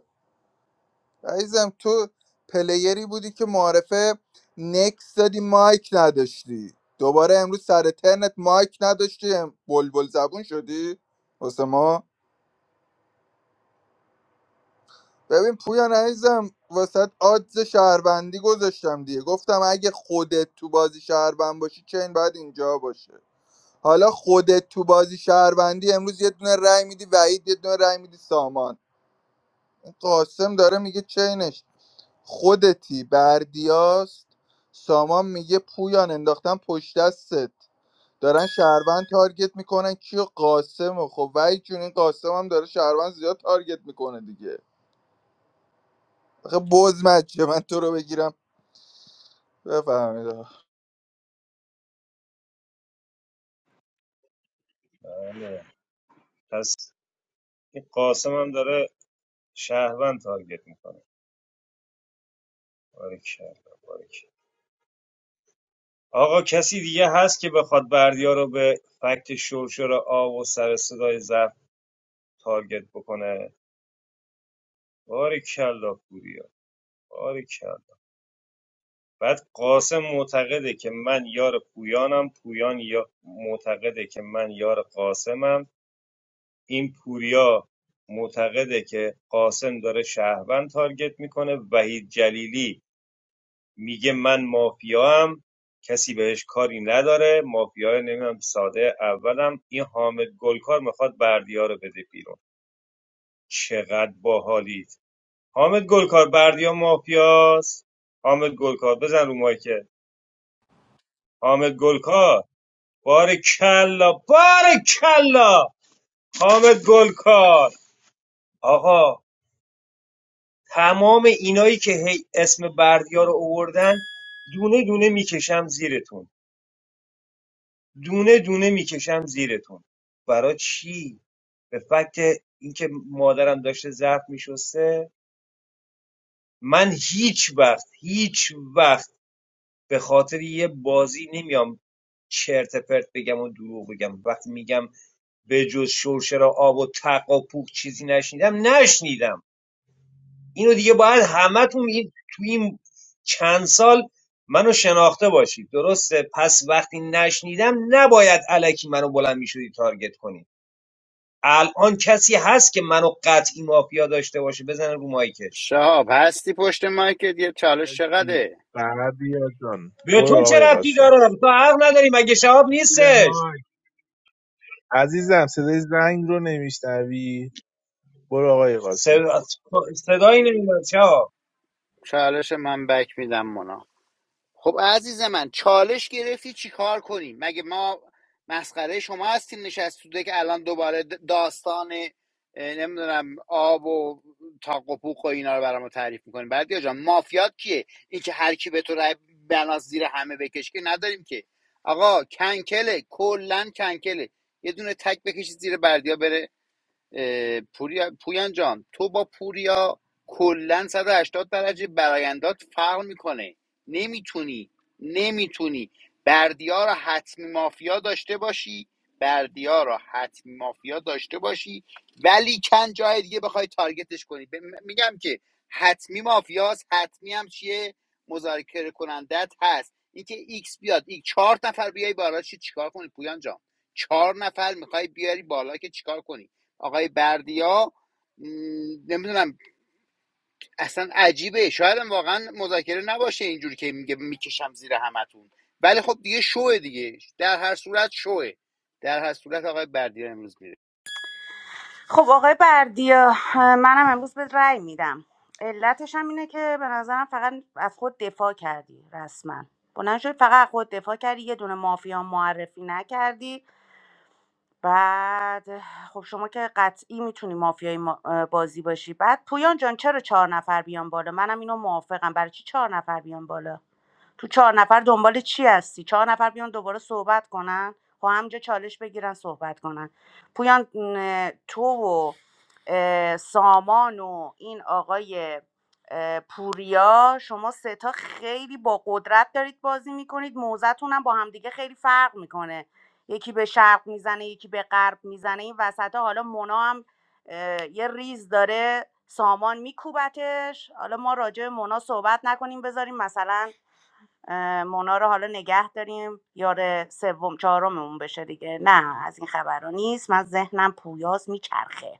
S10: عزیزم تو پلیری بودی که معارفه نکس دادی مایک نداشتی دوباره امروز سر ترنت مایک نداشتی ام- بلبل زبون شدی واسه ما ببین پویان عزیزم واسه آدز شهروندی گذاشتم دیگه گفتم اگه خودت تو بازی شهروند باشی چین باید اینجا باشه حالا خودت تو بازی شهروندی امروز یه دونه رای میدی وعید یه دونه رای میدی سامان این قاسم داره میگه چینش خودتی بردیاست سامان میگه پویان انداختن پشت دستت دارن شهروند تارگت میکنن کیو قاسم و خب وای جون این قاسم هم داره شهروند زیاد تارگت میکنه دیگه آخه بز مچه من تو رو بگیرم بفهمید آقا.
S16: بله پس این قاسم هم داره شهروند تارگت میکنه آقا کسی دیگه هست که بخواد بردیا رو به فکت شرشر آب و سر صدای زرد تارگت بکنه باریکلا پوریا باریکلا بعد قاسم معتقده که من یار پویانم پویان یا معتقده که من یار قاسمم این پوریا معتقده که قاسم داره شهروند تارگت میکنه وحید جلیلی میگه من مافیام کسی بهش کاری نداره مافیای نمیدونم ساده اولم این حامد گلکار میخواد بردیا رو بده بیرون چقدر باحالید حامد گلکار بردیا مافیاست حامد گلکار بزن رو مایکه حامد گلکار بار کلا بار کلا حامد گلکار آقا تمام اینایی که هی اسم بردیا رو اووردن دونه دونه میکشم زیرتون دونه دونه میکشم زیرتون برای چی به فکت اینکه مادرم داشته ظرف میشسته من هیچ وقت هیچ وقت به خاطر یه بازی نمیام چرت پرت بگم و دروغ بگم وقتی میگم به جز شرشر آب و تق و پوک چیزی نشنیدم نشنیدم اینو دیگه باید همتون این تو این چند سال منو شناخته باشید درسته پس وقتی نشنیدم نباید علکی منو بلند میشدی تارگت کنی الان کسی هست که منو قطعی مافیا داشته باشه بزنه رو مایکش
S13: شهاب هستی پشت مایکت یه چالش
S3: مرسی.
S13: چقدره
S3: بردیا جان
S16: به تو
S3: برو
S16: چه
S3: آقای
S16: ربطی
S3: قاسم
S16: داره تو حق نداری مگه شهاب نیستش
S3: عزیزم صدای زنگ رو نمیشنوی برو آقای قاسم
S16: صدا... صدایی نمیدونم شهاب
S13: چالش من بک میدم خب عزیز من چالش گرفتی چی کار کنیم مگه ما مسخره شما هستیم نشست تو که الان دوباره د- داستان اه، نمیدونم آب و تاق و پوق و اینا رو برام تعریف میکنیم بعد یا جان مافیات کیه اینکه هر کی به تو رای بناس زیر همه بکش که نداریم که آقا کنکله کلا کنکله یه دونه تک بکشید زیر بردیا بره اه، پوریا پویان جان تو با پوریا کلا 180 درجه برایندات فرق میکنه نمیتونی نمیتونی بردیا رو حتمی مافیا داشته باشی بردیا رو حتمی مافیا داشته باشی ولی کن جای دیگه بخوای تارگتش کنی به- م- میگم که حتمی مافیاست حتمی هم چیه مذاکره کنندت هست اینکه ایکس بیاد ایک چهار نفر بیای بالا چی چیکار کنی پویان جان چهار نفر میخوای بیاری بالا که چیکار کنی آقای بردیا نمیدونم اصلا عجیبه شاید هم واقعا مذاکره نباشه اینجوری که میگه میکشم زیر همتون ولی خب دیگه شوه دیگه در هر صورت شوه در هر صورت آقای بردیا امروز میره
S11: خب آقای بردیا منم امروز به رأی میدم علتش هم اینه که به نظرم فقط از خود دفاع کردی رسما بلند شدی فقط از خود دفاع کردی یه دونه مافیا معرفی نکردی بعد خب شما که قطعی میتونی مافیای ما- بازی باشی بعد پویان جان چرا چهار نفر بیان بالا منم اینو موافقم برای چی چهار نفر بیان بالا تو چهار نفر دنبال چی هستی چهار نفر بیان دوباره صحبت کنن با همجا چالش بگیرن صحبت کنن پویان م، تو و اه، سامان و این آقای اه، پوریا شما سه تا خیلی با قدرت دارید بازی میکنید موزتون هم با همدیگه خیلی فرق میکنه یکی به شرق میزنه یکی به غرب میزنه این وسط حالا مونا هم اه، یه ریز داره سامان میکوبتش حالا ما راجع به مونا صحبت نکنیم بذاریم مثلا اه، مونا رو حالا نگه داریم یار سوم چهارممون بشه دیگه نه از این خبرها نیست من ذهنم پویاز میچرخه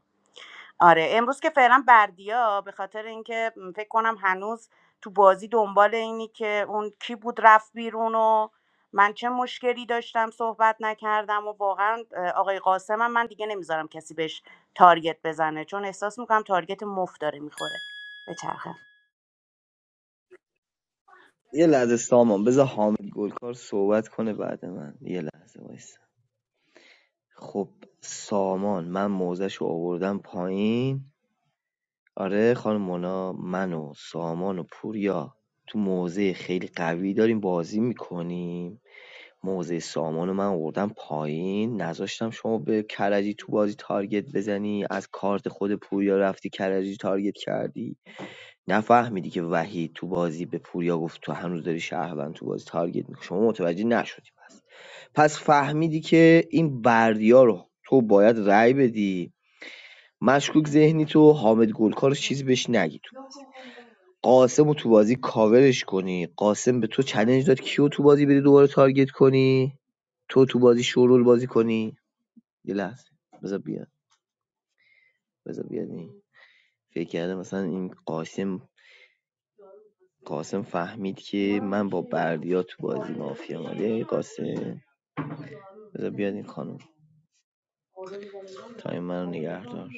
S11: آره امروز که فعلا بردیا به خاطر اینکه فکر کنم هنوز تو بازی دنبال اینی که اون کی بود رفت بیرون و من چه مشکلی داشتم صحبت نکردم و واقعا آقای قاسم هم من دیگه نمیذارم کسی بهش تارگت بزنه چون احساس میکنم تارگت مفت داره میخوره به چرخه
S12: یه لحظه سامان بذار حامد گلکار صحبت کنه بعد من یه لحظه وایسا خب سامان من موزش رو آوردم پایین آره خانم مونا من و سامان و پوریا تو موزه خیلی قوی داریم بازی میکنیم موضع سامان رو من آوردم پایین نذاشتم شما به کرجی تو بازی تارگت بزنی از کارت خود پوریا رفتی کرجی تارگت کردی نفهمیدی که وحید تو بازی به پوریا گفت تو هنوز داری شهروند تو بازی تارگت میکنی شما متوجه نشدی پس پس فهمیدی که این بردیا رو تو باید رأی بدی مشکوک ذهنی تو حامد گلکار چیزی بهش نگی قاسمو تو بازی کاورش کنی قاسم به تو چلنج داد کیو تو بازی بری دوباره تارگت کنی تو تو بازی شورول بازی کنی یه لحظه بذار بیاد بذار بیاد این فکر کرده مثلا این قاسم قاسم فهمید که من با بردیا تو بازی مافیا مالی قاسم بذار بیاد این خانم تایم منو نگه دار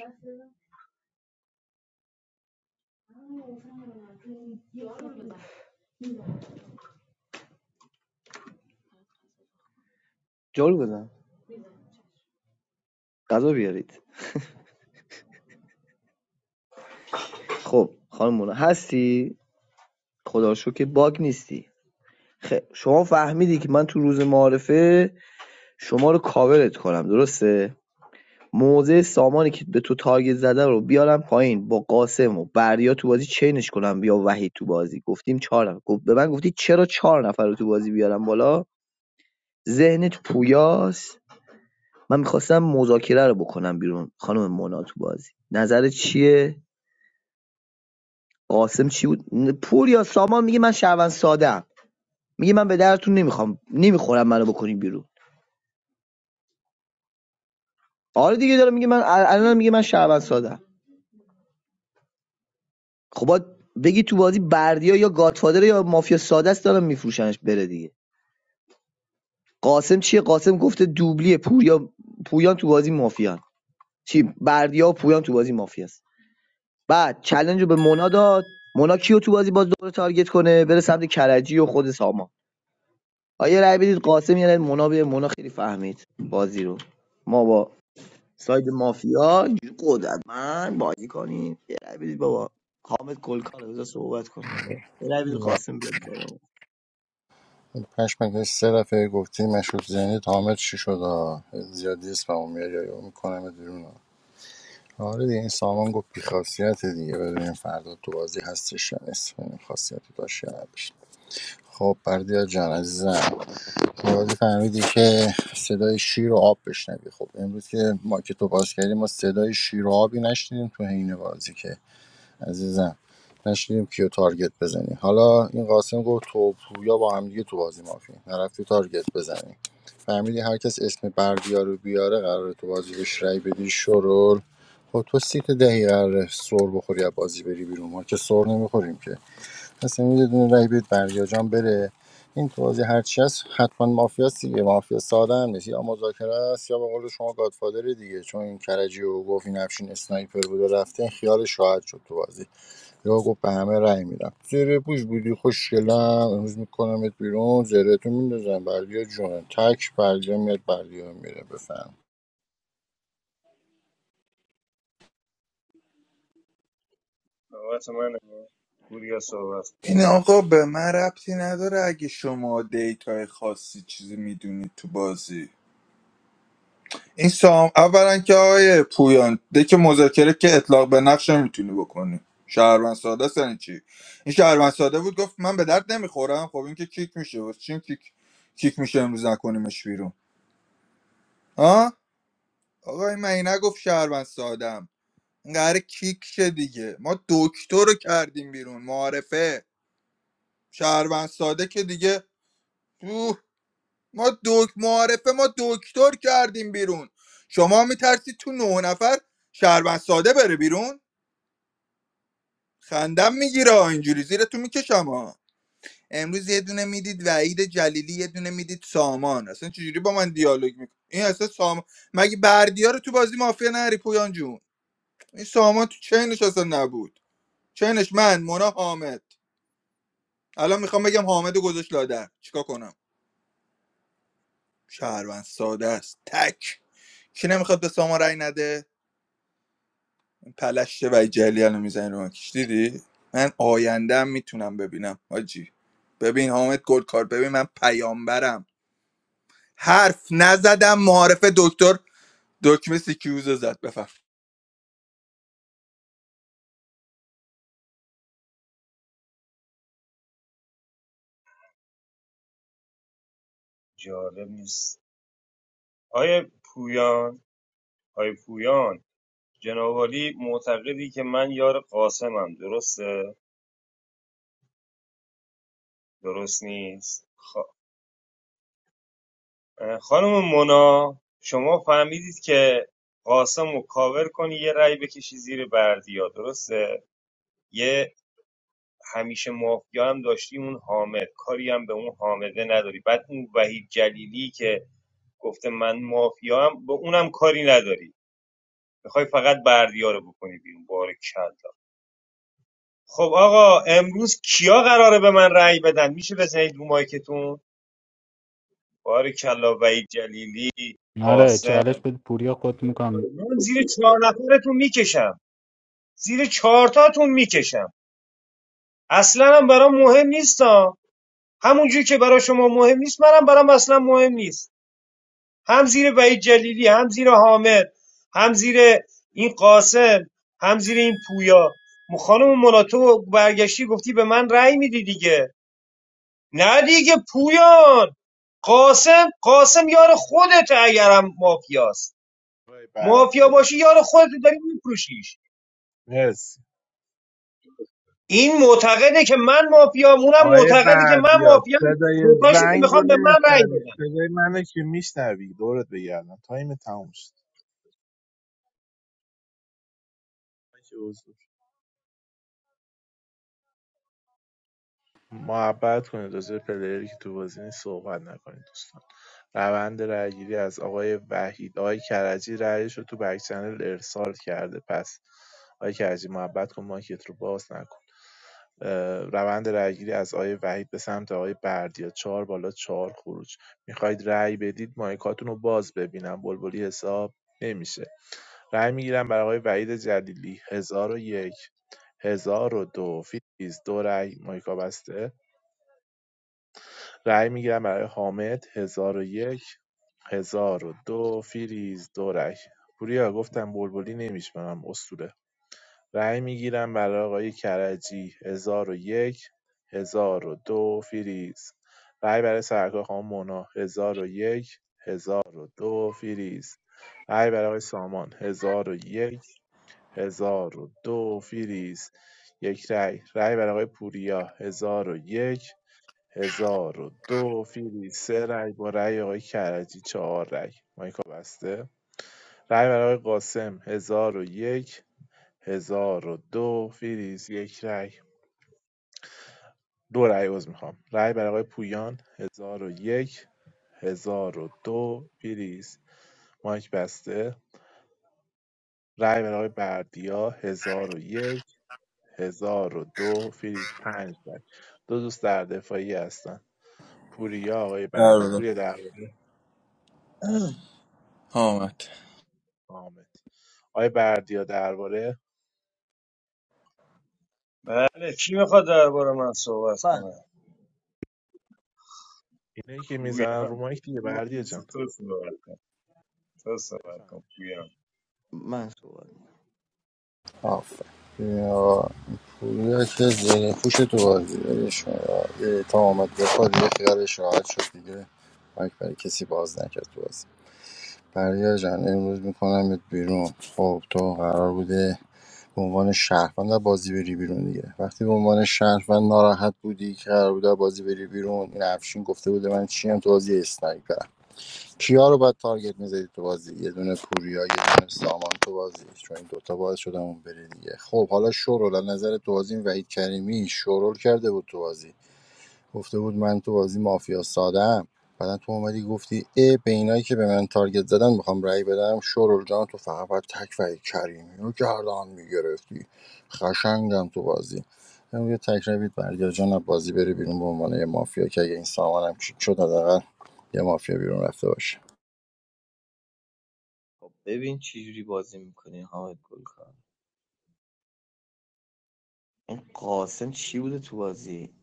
S12: جارو بزن غذا بیارید خب خانم مونا هستی خدا رو شکر که باگ نیستی خب شما فهمیدی که من تو روز معارفه شما رو کاورت کنم درسته موزه سامانی که به تو تارگت زده رو بیارم پایین با قاسم و بردیا تو بازی چینش کنم بیا وحید تو بازی گفتیم چهار نفر به من گفتی چرا چهار نفر رو تو بازی بیارم بالا ذهنت پویاست من میخواستم مذاکره رو بکنم بیرون خانم مونا تو بازی نظر چیه قاسم چی بود پوریا سامان میگه من شهروند سادم میگه من به درتون نمیخوام نمیخورم منو بکنین بیرون آره دیگه داره میگه من الان میگه من شهروند سادم خب باید بگی تو بازی بردیا یا گاتفادر یا مافیا ساده است دارن میفروشنش بره دیگه قاسم چیه قاسم گفته دوبلی پوریا پویان تو بازی مافیان چی بردیا و پویان تو بازی مافیاست بعد چلنج رو به مونا داد مونا کیو تو بازی باز دوباره تارگت کنه بره سمت کرجی و خود سامان آیا رأی بدید قاسم یا نه مونا به مونا خیلی فهمید بازی رو ما با ساید مافیا اینجوری قدرتمند بازی کنیم یه رأی بدید بابا حامد گلکار بذار صحبت کنه بابا. یه رأی بدید
S2: لا.
S12: قاسم بیاد بالا
S2: پشمک یه سه دفعه گفتی مشروط ذهنی تامت چی شد آه؟ زیادی اسممو میاری یا میکنم بیرون آه. آره دیگه این سامان گفت بیخاصیت دیگه ببینیم فردا تو بازی هستش یا نیست ببینیم خاصیتی داشت یا نداشت خب بردیا جان عزیزم تو بازی فهمیدی که صدای شیر و آب بشنوی خب امروز که ما که تو باز کردیم ما صدای شیر و آبی نشنیدیم تو حین بازی که عزیزم نشیدیم کیو تارگت بزنی حالا این قاسم گفت تو پویا با هم دیگه تو بازی مافی نرفتی تارگت بزنی فهمیدی هر کس اسم بردیا رو بیاره قراره تو بازی بهش رای بدی شرول خب تو سیت دهی قراره سر بخوری از بازی بری بیرون ما که سر نمیخوریم که پس میدونی دونه رای بدید بردیا جان بره این تو بازی هر چی هست حتما مافیاست دیگه مافیا ساده هم نیست یا مذاکره است یا به قول شما گادفادر دیگه چون این کرجی و گفت این افشین اسنایپر بود و رفته این خیالش راحت شد تو بازی یا گفت به همه رأی میدم زره پوش بودی خوشگلم امروز میکنمت بیرون زره تو میندازم بردیا جونه تک بردیا میاد بردیا میره بفهم
S16: نوبت منه. پوریا صحبت
S10: این آقا به من ربطی نداره اگه شما دیتای خاصی چیزی میدونید تو بازی این سام اولا که آقای پویان دک مذاکره که اطلاق به نقش نمیتونی بکنی شهروند ساده است یعنی چی این شهروند ساده بود گفت من به درد نمیخورم خب این که کیک میشه واسه چی کیک کیک میشه امروز نکنیمش بیرون ها آقای من این نگفت شهروند سادم این قراره کیک شه دیگه ما دکتر رو کردیم بیرون معارفه شهروند ساده که دیگه ما دک معارفه ما دکتر کردیم بیرون شما میترسید تو نه نفر شهروند ساده بره بیرون خندم میگیره اینجوری زیرتون میکشم ها امروز یه دونه میدید وعید جلیلی یه دونه میدید سامان اصلا چجوری با من دیالوگ میکنه این اصلا سامان مگه بردیا رو تو بازی مافیا نری پویان جون این سامان تو چینش اصلا نبود چینش من مونا حامد الان میخوام بگم حامد رو گذاشت لادر چیکار کنم شهروند ساده است تک کی نمیخواد به سامان رای نده پلشت و جلیل رو میزنی رو ماکش دیدی من آیندهم میتونم ببینم حاجی ببین حامد گلکار ببین من پیامبرم حرف نزدم معارف دکتر دکمه سیکیوزو زد بفهم
S16: جالب نیست آیا پویان آیا پویان جناب عالی معتقدی که من یار قاسمم درسته درست نیست خب خانم مونا شما فهمیدید که قاسم رو کاور کنی یه رأی بکشی زیر بردیا درسته یه همیشه مافیا هم داشتی اون حامد کاری هم به اون حامده نداری بعد اون وحید جلیلی که گفته من مافیا هم به اونم کاری نداری میخوای فقط بردیا رو بکنی بیرون بار کلا خب آقا امروز کیا قراره به من رأی بدن میشه بزنید رو مایکتون بار کلا وحید جلیلی
S1: آره
S16: قاسم
S1: چالش به پوریا خود میکنم
S16: آره، من زیر چهار نفرتون میکشم زیر چهارتاتون میکشم اصلا هم برام مهم نیستا همونجوری که برای شما مهم نیست منم برام اصلا مهم نیست هم زیر وحید جلیلی هم زیر حامد هم زیر این قاسم هم زیر این پویا م- خانم مناتو برگشتی گفتی به من رأی میدی دیگه نه دیگه پویان قاسم قاسم یار خودت اگرم مافیاست
S3: آقای
S16: مافیا
S3: بردیا
S16: باشی یار خودت داری میفروشیش
S3: مرسی
S16: این معتقده که من مافیام اونم
S3: آقای
S16: معتقده که من
S3: بردیا
S16: مافیام
S3: صدای
S16: دوتاشون
S3: زنگ رو
S16: میخوام به من رأی
S3: نمیشنوی
S16: بدن
S3: صدای منو که میشنوی دورت بگردم تایم تموم شد که حضور. محبت کنید راجع به پلیری که تو بازی نیست صحبت نکنید دوستان روند رأیگیری از آقای وحید آقای کرجی رأیش رو تو بک چنل ارسال کرده پس آقای کرجی محبت کن مایکت رو باز نکن اه، روند رأیگیری از آقای وحید به سمت آقای بردیا چهار بالا چهار خروج میخواید رأی بدید مایکاتون رو باز ببینم بلبلی حساب نمیشه رأی میگیرم برای آقای وحید جلیلی هزار و یک هزار و دو فیز دو رأی مایکا بسته رأی میگیرم برای حامد هزار و یک هزار و دو فیریز دو رأی پوریا گفتم بلبلی نمیشمارم اسطوره رای میگیرم برای آقای کرجی هزار و یک، هزار و دو فریز. رای برای سرکار خانم مونا هزار و یک، هزار و دو فریز. رای برای آقای سامان هزار و یک، هزار و دو فریز. یک رای. رای برای آقای پوریا 1001 1002 فریز. سه رای با رای آقای کرجی چهار رای. مایکا بسته. رای برای آقای قاسم هزار و یک هزار و دو فریز یک رای دو رای عوض میخوام رای برای آقای پویان هزار و یک هزار و دو فریز مایک بسته رای برای آقای بردیا هزار و یک هزار و دو فریز پنج رای دو دوست در دفاعی هستن پوریا آقای
S10: در
S3: بردیا
S10: بده
S3: پوریا درباره
S10: حامد
S3: حامد آقای بردیا درباره
S16: بله کی میخواد درباره من صحبت
S12: من
S16: کنه
S3: اینه که
S16: پویم
S3: میزنن رو مایک دیگه بردیا
S16: پویم،
S3: جان
S16: تو صحبت کن تو صحبت
S3: بفهم
S16: کن پویان
S12: من صحبت می‌کنم.
S2: آفر یا پوریا که زره پوش تو بازی ولش یه تا آمد یه دیگه خیالش راحت شد دیگه مایک برای کسی باز نکرد تو بازی بردیا جان امروز میکنمت بیرون خب تو قرار بوده به عنوان شهروند بازی بری بیرون دیگه وقتی به عنوان شهروند ناراحت بودی که قرار بود بازی بری بیرون این افشین گفته بوده من چی هم تو بازی اسنایپرم کیا رو بعد تارگت میزدی تو بازی یه دونه پوریا یه دونه سامان تو بازی چون این دوتا باعث شدن اون بره دیگه خب حالا شورول از نظر تو بازی این وحید کریمی شورول کرده بود تو بازی گفته بود من تو بازی مافیا سادم بعدا تو اومدی گفتی ای به اینایی که به من تارگت زدن میخوام رأی بدم شورول جان تو فقط باید تک و کریمی رو گردان میگرفتی خشنگم تو بازی امروز یه تک روید بردیا جان از بازی بری بیرون به عنوان یه مافیا که اگه این سامانم کیک شد حداقل یه مافیا بیرون رفته باشه
S12: خب ببین چی جوری بازی میکنی حامد گلکار این قاسم چی بوده تو بازی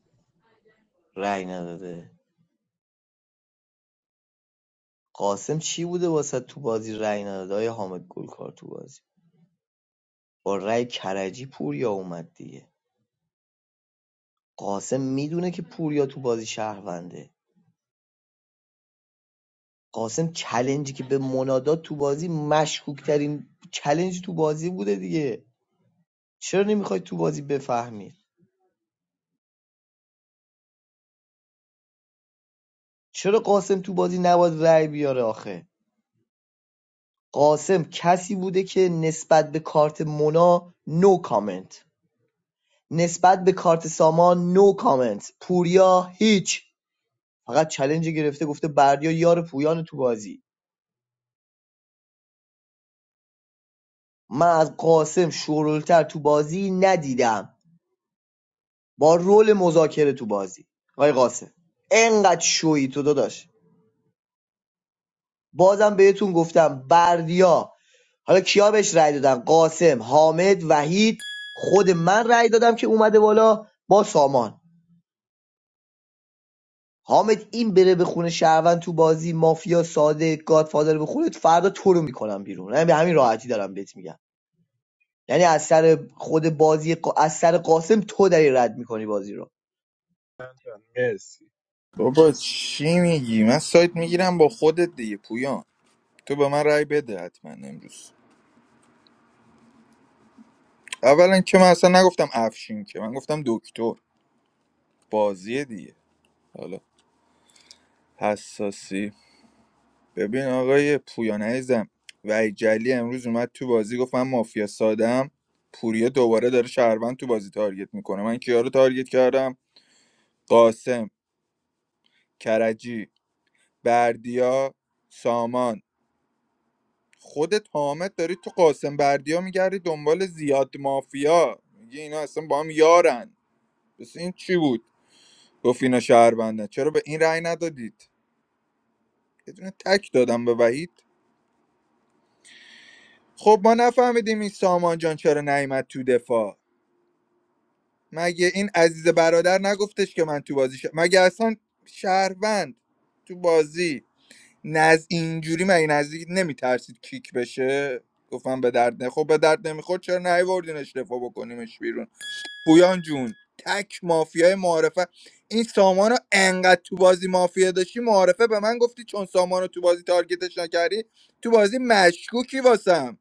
S12: رأی نداده قاسم چی بوده واسه تو بازی رأی نداده آیا حامد گلکار تو بازی با رأی کرجی پوریا اومد دیگه قاسم میدونه که پوریا تو بازی شهرونده قاسم چلنجی که به منادات تو بازی مشکوک ترین چلنج تو بازی بوده دیگه چرا نمیخوای تو بازی بفهمی چرا قاسم تو بازی نباید رأی بیاره آخه قاسم کسی بوده که نسبت به کارت مونا نو کامنت نسبت به کارت سامان نو کامنت پوریا هیچ فقط چلنج گرفته گفته بردیا یار پویان تو بازی من از قاسم شورلتر تو بازی ندیدم با رول مذاکره تو بازی آقای قاسم انقدر شویی تو داداش بازم بهتون گفتم بردیا حالا کیا بهش رأی دادن قاسم حامد وحید خود من رأی دادم که اومده بالا با سامان حامد این بره به خونه شهروند تو بازی مافیا ساده گادفادر به خونه فردا تو رو میکنم بیرون یعنی به همین راحتی دارم بهت میگم یعنی از سر خود بازی قا- از سر قاسم تو داری رد میکنی بازی رو
S3: مرسی
S10: بابا چی میگی من سایت میگیرم با خودت دیگه پویان تو به من رأی بده حتما امروز اولا که من اصلا نگفتم افشین که من گفتم دکتر بازیه دیگه حالا حساسی ببین آقای پویان عزیزم و جلی امروز اومد تو بازی گفت من مافیا سادم پوریه دوباره داره شهروند تو بازی تارگت میکنه من کیا رو تارگت کردم قاسم کرجی بردیا سامان خودت حامد داری تو قاسم بردیا میگردی دنبال زیاد مافیا میگه اینا اصلا با هم یارن بس این چی بود گفت اینا شهروندن چرا به این رأی ندادید یه دونه تک دادم به وحید خب ما نفهمیدیم این سامان جان چرا نیومد تو دفاع مگه این عزیز برادر نگفتش که من تو بازی ش... مگه اصلا شهروند تو بازی نز اینجوری مگه نزدیک نمیترسید کیک بشه گفتم به درد نه خب به درد نمیخورد چرا نیوردینش دفاع بکنیمش بیرون پویان جون تک مافیای معارفه این سامانو انقدر تو بازی مافیا داشتی معارفه به من گفتی چون سامانو تو بازی تارگتش نکردی تو بازی مشکوکی واسم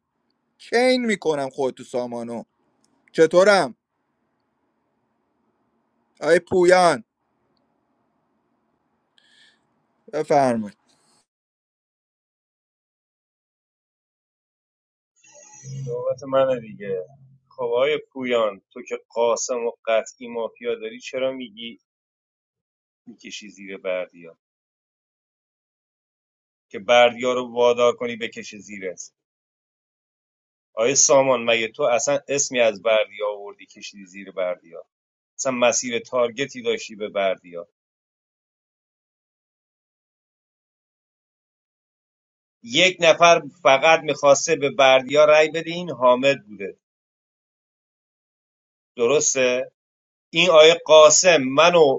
S10: چین میکنم خود تو سامانو چطورم آی پویان بفرمایید
S16: صحبت منه دیگه خب آقای پویان تو که قاسم و قطعی مافیا داری چرا میگی میکشی زیر بردیا که بردیا رو وادار کنی بکشه زیرت آقای سامان مگه تو اصلا اسمی از بردیا آوردی کشیدی زیر بردیا اصلا مسیر تارگتی داشتی به بردیا یک نفر فقط میخواسته به بردیا رای بده این حامد بوده درسته این آیه قاسم منو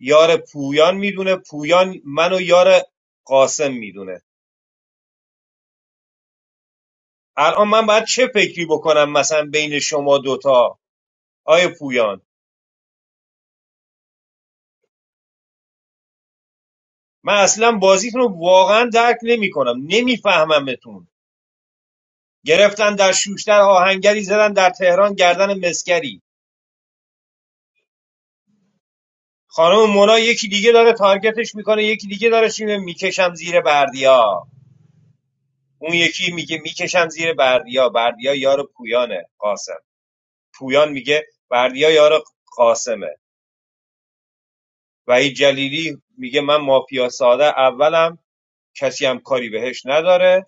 S16: یار پویان میدونه پویان منو یار قاسم میدونه الان من باید چه فکری بکنم مثلا بین شما دوتا آیه پویان من اصلا بازیتون رو واقعا درک نمیکنم نمیفهممتون گرفتن در شوشتر آهنگری زدن در تهران گردن مسکری خانم مونا یکی دیگه داره تارگتش میکنه یکی دیگه داره شیمه میکشم زیر بردیا اون یکی میگه میکشم زیر بردیا بردیا یار پویانه قاسم پویان میگه بردیا یار قاسمه وحید جلیلی میگه من مافیا ساده اولم کسی هم کاری بهش نداره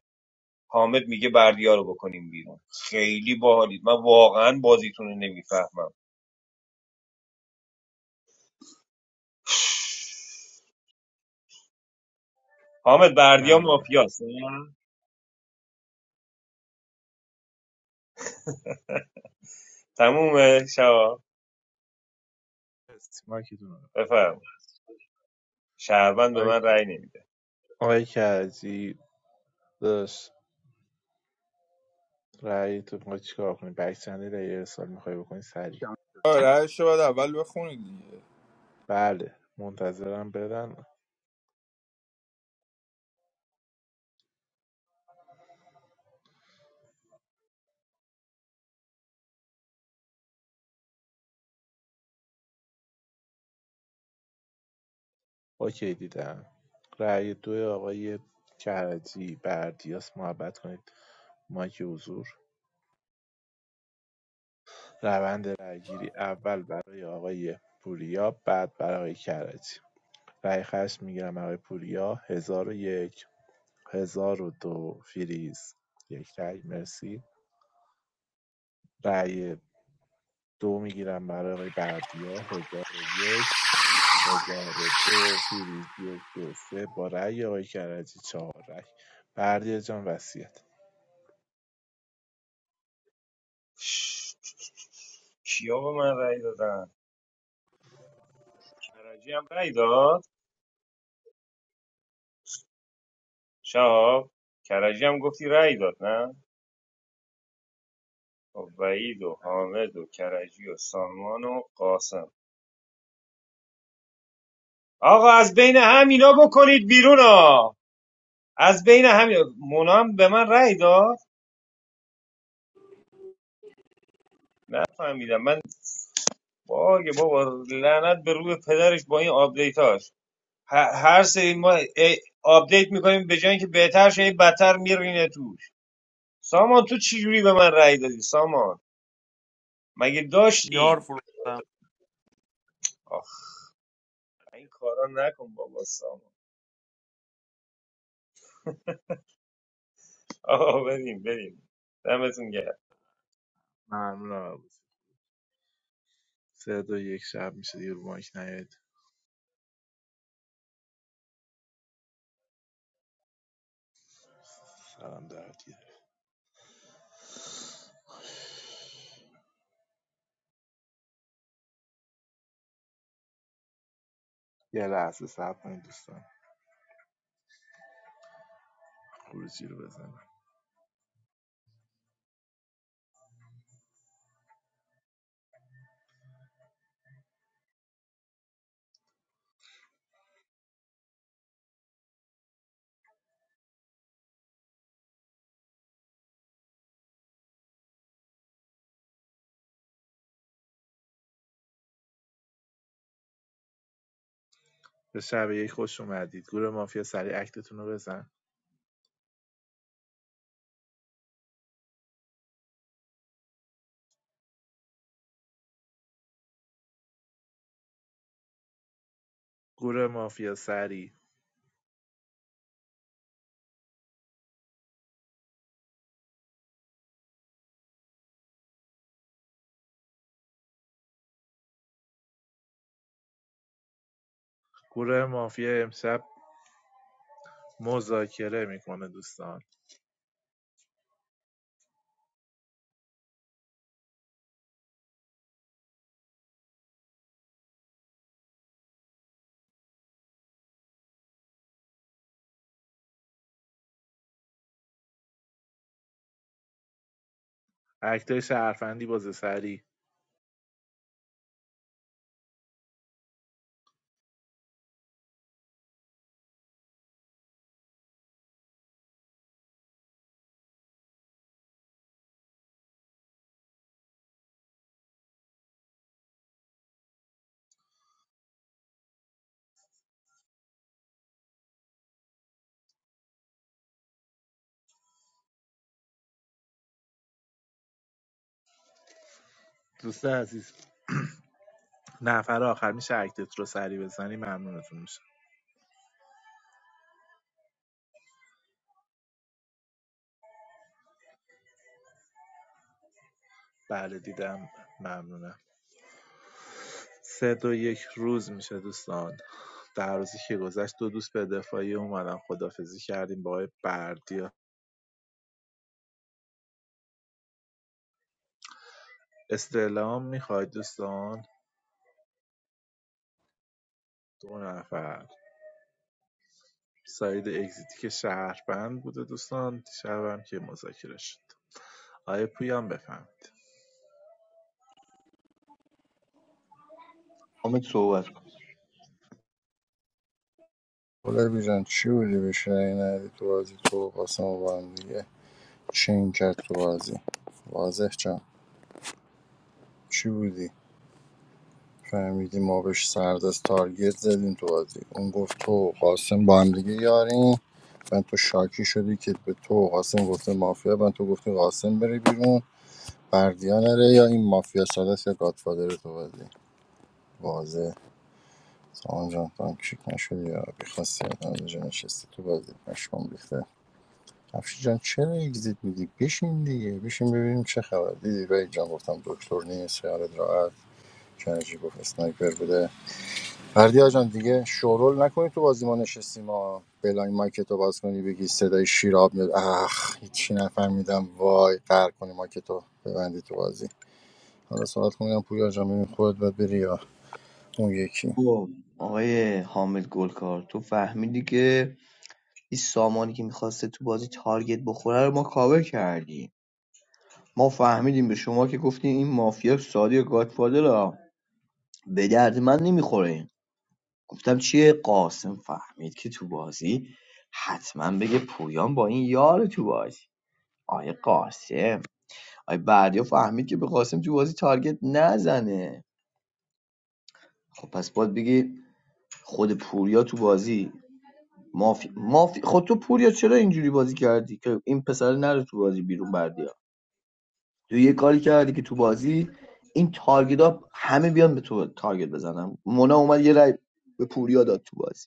S16: حامد میگه بردیا رو بکنیم بیرون خیلی باحالید من واقعا بازیتون رو نمیفهمم حامد بردیا
S3: ممنونم
S16: مافیاست نه؟ تمومه شوا
S3: مرسی مایکتون رو
S16: بفهم شهروند به
S3: آقای
S16: من رأی نمیده
S3: آقای کرجی داداش رأی تو میخوای چیکار کنی بک چنل یه ارسال میخوای بکنی سریع
S10: آره رو باید اول بخونید دیگه
S3: بله منتظرم بدن اوکی دیدم رأی دو آقای کرجی بردیاس محبت کنید مایک حضور روند رأیگیری اول برای آقای پوریا بعد برای آقای کرجی رأی خشم میگیرم آقای پوریا هزار و یک هزار و دو فریز یک رأی مرسی رأی دو میگیرم برای آقای بردیا هزار و یک هزار و دو پیروزی دو سه با رأی آقای کرجی چهار رأی بردیا جان وصیت
S16: کیا به من رأی دادن کرجی هم رأی داد شهاب کرجی هم گفتی رأی داد نه خب وحید و حامد و کرجی و سالمان و قاسم آقا از بین همینا بکنید بیرون ها از بین همین مونا هم به من رأی داد نفهمیدم من باگ بابا لعنت به روی پدرش با این آپدیتاش ه- هر سری ما ای- آپدیت میکنیم به جای اینکه بهتر شه بدتر میرینه توش سامان تو چی جوری به من رأی دادی سامان مگه
S9: یار
S16: داشتیم
S9: فروختم
S16: آخ این کارا نکن بابا سامان آقا بریم بریم دمتون گرم
S3: ممنونم عبود سه دو یک شب میشه دیگه رو مایک نیاید سلام دارد گیره. یه لحظه صبر کنید دوستان خروجی رو بزنم به شب یک خوش اومدید گروه مافیا سریع اکتتون رو بزن گروه مافیا سریع گروه مافیا امشب مذاکره میکنه دوستان اکتای شهرفندی باز سری دوست عزیز نفر آخر میشه اکتت رو سری بزنی ممنونتون میشه بله دیدم ممنونم سه دو یک روز میشه دوستان در روزی که گذشت دو دوست به دفاعی اومدن خدافزی کردیم با آقای بردیا استعلام میخواید دوستان دو نفر سعید اگزیتی که شهروند بوده دوستان شهروند که مذاکره شد آقای پویان بفهمید
S12: حامد صحبت کن
S2: بولر بیجان چی بودی بشه این تو بازی تو و قاسم و با هم دیگه چین کرد تو بازی واضح جان چی بودی فهمیدی ما بهش سردست تارگت زدیم تو بازی اون گفت تو قاسم با هم دیگه یاریم من تو شاکی شدی که به تو قاسم گفته مافیا من تو گفتی قاسم بره بیرون بردیا نره یا این مافیا سادس یا گادفادر تو بازی واضح سامان جان تو هم کشیک نشدی یا بیخواستی آدم اینجا نشستی تو بازی پشمام ریخته افشی جان چرا اگزیت میدی بشین دیگه بشین ببینیم چه خبر دیدی رای جان گفتم دکتر نیست خیالت راحت کرجی گفت اسنایپر بوده بردیا جان دیگه شورول نکنی تو بازی ما نشستیم ما بلاین مایکتو باز کنی بگی صدای شیراب میاد اخ هیچی نفهمیدم وای قهر کنی مایکتو ببندی تو بازی حالا صحبت کنم پویا جان ببین خودت باید بری یا اون یکی
S12: خب، آقای حامد گلکار تو فهمیدی که این سامانی که میخواسته تو بازی تارگت بخوره رو ما کاور کردی ما فهمیدیم به شما که گفتیم این مافیا سادی و گادفادر ها. به درد من نمیخوره گفتم چیه قاسم فهمید که تو بازی حتما بگه پویان با این یار تو بازی آیه قاسم آیه بردیا فهمید که به قاسم تو بازی تارگت نزنه خب پس باید بگی خود پوریا تو بازی مافی مافی خود تو پوریا چرا اینجوری بازی کردی که این پسر نره تو بازی بیرون بردیا تو یه کاری کردی که تو بازی این تارگت ها همه بیان به تو تارگت بزنن مونا اومد یه رای به پوریا داد تو بازی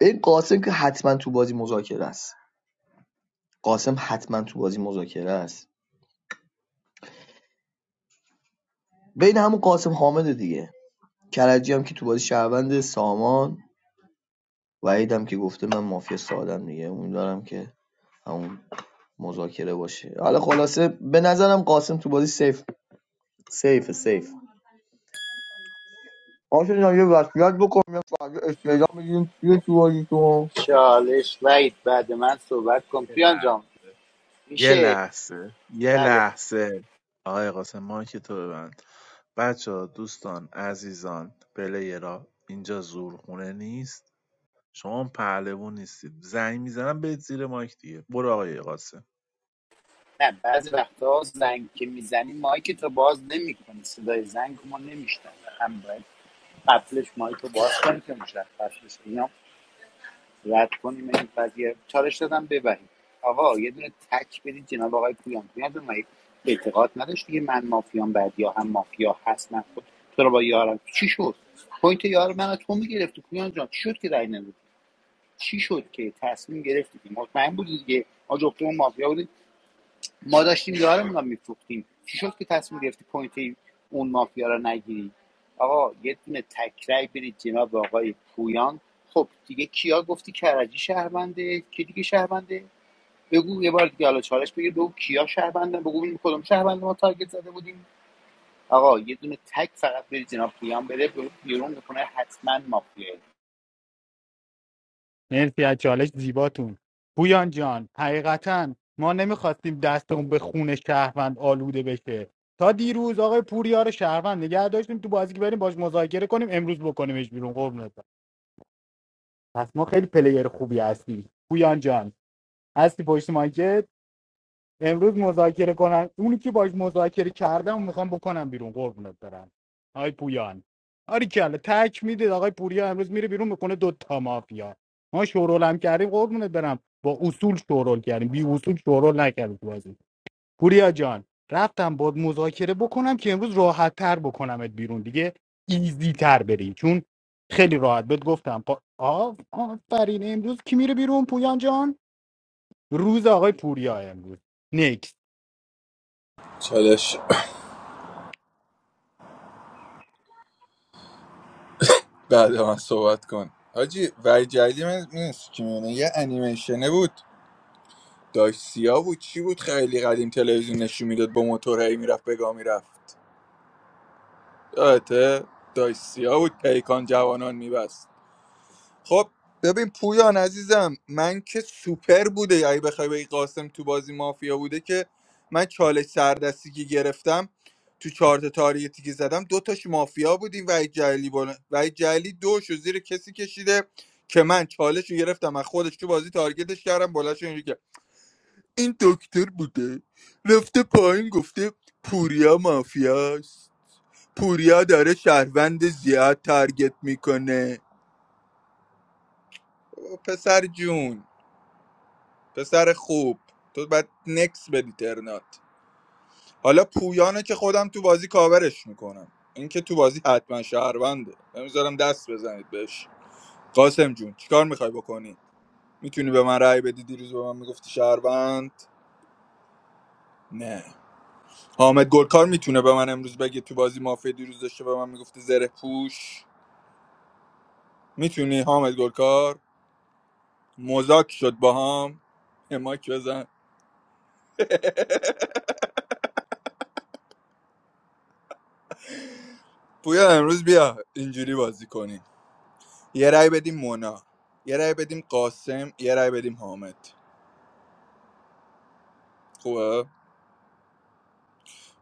S12: این قاسم که حتما تو بازی مذاکره است قاسم حتما تو بازی مذاکره است بین همون قاسم حامد دیگه کرجی هم که تو بازی شهروند سامان وحید هم که گفته من مافیا سادم دیگه امیدوارم که همون مذاکره باشه حالا خلاصه به نظرم قاسم تو بازی سیف سیف سیف آشان جان یه وصیت بکن یه فردا استعلام میگیریم چیه تو بازی تو
S13: چالش وید بعد من صحبت کن
S3: یه
S13: پویان
S3: لحظه
S13: جان
S3: یه
S13: میشه
S3: لحظه یه
S13: بله
S3: لحظه آقای قاسم مایک تو ببند بچه ها، دوستان عزیزان پلیرا اینجا زورخونه نیست شما پهلوون نیستید زنگ میزنم به زیر مایک دیگه برو آقای قاسم
S13: نه بعضی وقتا زنگ که میزنی مایک تو باز نمیکنی صدای زنگ ما نمیشتن هم باید قبلش مایک رو باز کنی که مشخص بشه اینا رد کنیم این قضیه چالش دادم ببریم آقا یه دونه تک بدید جناب آقای پویان پویان جان، مگه اعتقاد نداشت دیگه من مافیام بعد هم مافیا هست من خود تو رو با یارم چی شد پوینت یار من از تو میگرفتی پویان جان چی شد که رای ندادی چی شد که تصمیم گرفتی مطمئن بودی دیگه ما جفتمون مافیا بودیم ما داشتیم یارمون رو میفروختیم چی شد که تصمیم گرفتی پوینت اون مافیا رو نگیری آقا یه دونه تکرای برید جناب آقای پویان خب دیگه کیا گفتی کرجی شهرونده کی دیگه شهرونده بگو یه بار دیگه حالا چالش بگیر بگو کیا شهروندن بگو ببینیم کدوم شهرونده ما تارگت زده بودیم آقا یه دونه تک فقط برید جناب پویان بده بیرون بکنه حتما مافیا
S1: مرسی از چالش زیباتون پویان جان حقیقتا ما نمیخواستیم دستمون به خون شهروند آلوده بشه تا دیروز آقای پوریا رو شهروند نگه داشتیم تو بازی که بریم باش مذاکره کنیم امروز بکنیمش بیرون قربونت برم. پس ما خیلی پلیر خوبی هستیم پویان جان هستی پشت مایکت امروز مذاکره کنن اونی که باش مذاکره کردم میخوام بکنم بیرون قربونت برم آی پویان آری کله تک میده آقای پوریا امروز میره بیرون میکنه دو تا مافیا ما شورول هم کردیم قربونت برم با اصول شورول کردیم بی اصول شورول نکردیم تو بازی. پوریا جان رفتم باد مذاکره بکنم که امروز راحت تر بکنمت بیرون دیگه ایزی تر بری چون خیلی راحت بهت گفتم پا... آف آفرین امروز کی میره بیرون پویان جان روز آقای پوریا امروز نیکس
S10: چالش بعد من صحبت کن حاجی وحید جلیلی من نیست که میونه یه انیمیشنه بود داشت سیا بود چی بود خیلی قدیم تلویزیون نشون میداد با موتور هی میرفت بگاه میرفت یادته داشت سیا بود پیکان جوانان میبست خب ببین پویان عزیزم من که سوپر بوده اگه بخوای بگی قاسم تو بازی مافیا بوده که من چالش سردستی که گرفتم تو چارت تاریتی که زدم دو تاش مافیا بودیم و جلی بالا و جلی دوش و زیر کسی کشیده که من چالش رو گرفتم از خودش تو بازی تارگتش کردم بلش اینجوری که این دکتر بوده رفته پایین گفته پوریا مافیاست پوریا داره شهروند زیاد تارگت میکنه پسر جون پسر خوب تو باید نکس بدی ترنات حالا پویانه که خودم تو بازی کاورش میکنم اینکه تو بازی حتما شهرونده نمیذارم دست بزنید بهش قاسم جون چیکار میخوای بکنی میتونی به من رأی بدی دیروز به من میگفتی شهروند نه حامد گلکار میتونه به من امروز بگه تو بازی مافیا دیروز داشته به من میگفتی زره پوش میتونی حامد گلکار مذاک شد با هم یه ماک بزن <laughs> پویا امروز بیا اینجوری بازی کنی یه رای بدیم مونا یه رای بدیم قاسم یه رای بدیم حامد خوبه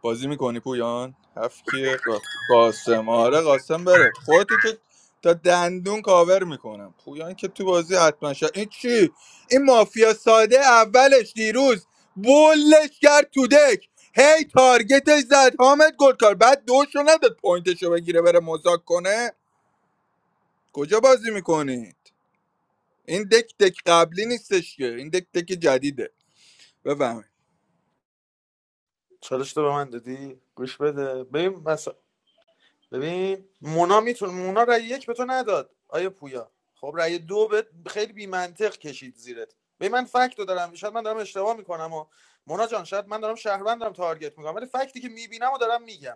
S10: بازی میکنی پویان هفت کیه؟ قا- قاسم آره قاسم بره خودتو که تا دندون کاور میکنم پویان که تو بازی حتما شد این چی این مافیا ساده اولش دیروز بولش کرد تو دک هی تارگتش زد حامد گلکار بعد دوشو نداد پوینتشو بگیره بره مذاک کنه کجا بازی میکنید این دک دک قبلی نیستش که این دک دک جدیده بفهمید
S9: چالش تو به من دادی گوش بده ببین مثلا ببین مونا میتون مونا رأی یک به تو نداد آیا پویا خب رأی دو به خیلی بی منطق کشید زیرت ببین من فکت دارم شاید من دارم اشتباه میکنم و مونا جان شاید من دارم شهروندم تارگت میکنم ولی فکتی که میبینم و دارم میگم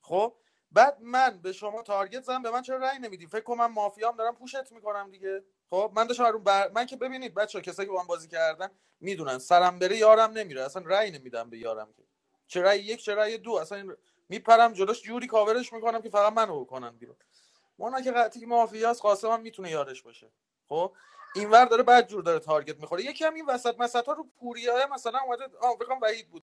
S9: خب بعد من به شما تارگت زدم به من چرا رأی نمیدی فکر کنم من مافیام دارم پوشت میکنم دیگه خب من داشتم رو بر... من که ببینید بچه کسایی که با من بازی کردن میدونن سرم بره یارم نمیره اصلا رأی نمیدم به یارم که چه رأی یک چه رأی دو اصلا این... میپرم جلوش جوری کاورش میکنم که فقط منو بکنن بیرون مونا که قطعی مافیاس قاسم هم میتونه یارش باشه خب اینور داره بعد جور داره تارگت میخوره یکی هم این وسط مسطا رو پوریه مثلا اومده آه فکر کنم وحید بود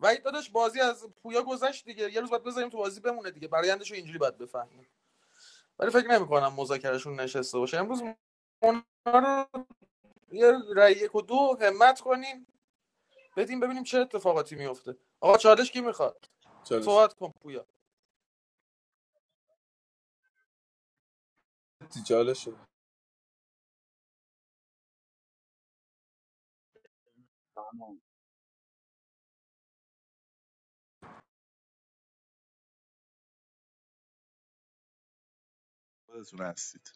S9: و داداش بازی از پویا گذشت دیگه یه روز باید بذاریم تو بازی بمونه دیگه برایندش رو اینجوری باید بفهمیم ولی فکر نمی‌کنم مذاکرهشون نشسته باشه امروز اونا رو یه رای یک و دو همت کنیم بدیم ببینیم چه اتفاقاتی میفته آقا چالش کی میخواد
S10: چالش
S9: صحبت کن پویا
S10: چالشه
S18: خانم.
S3: خودتون هستید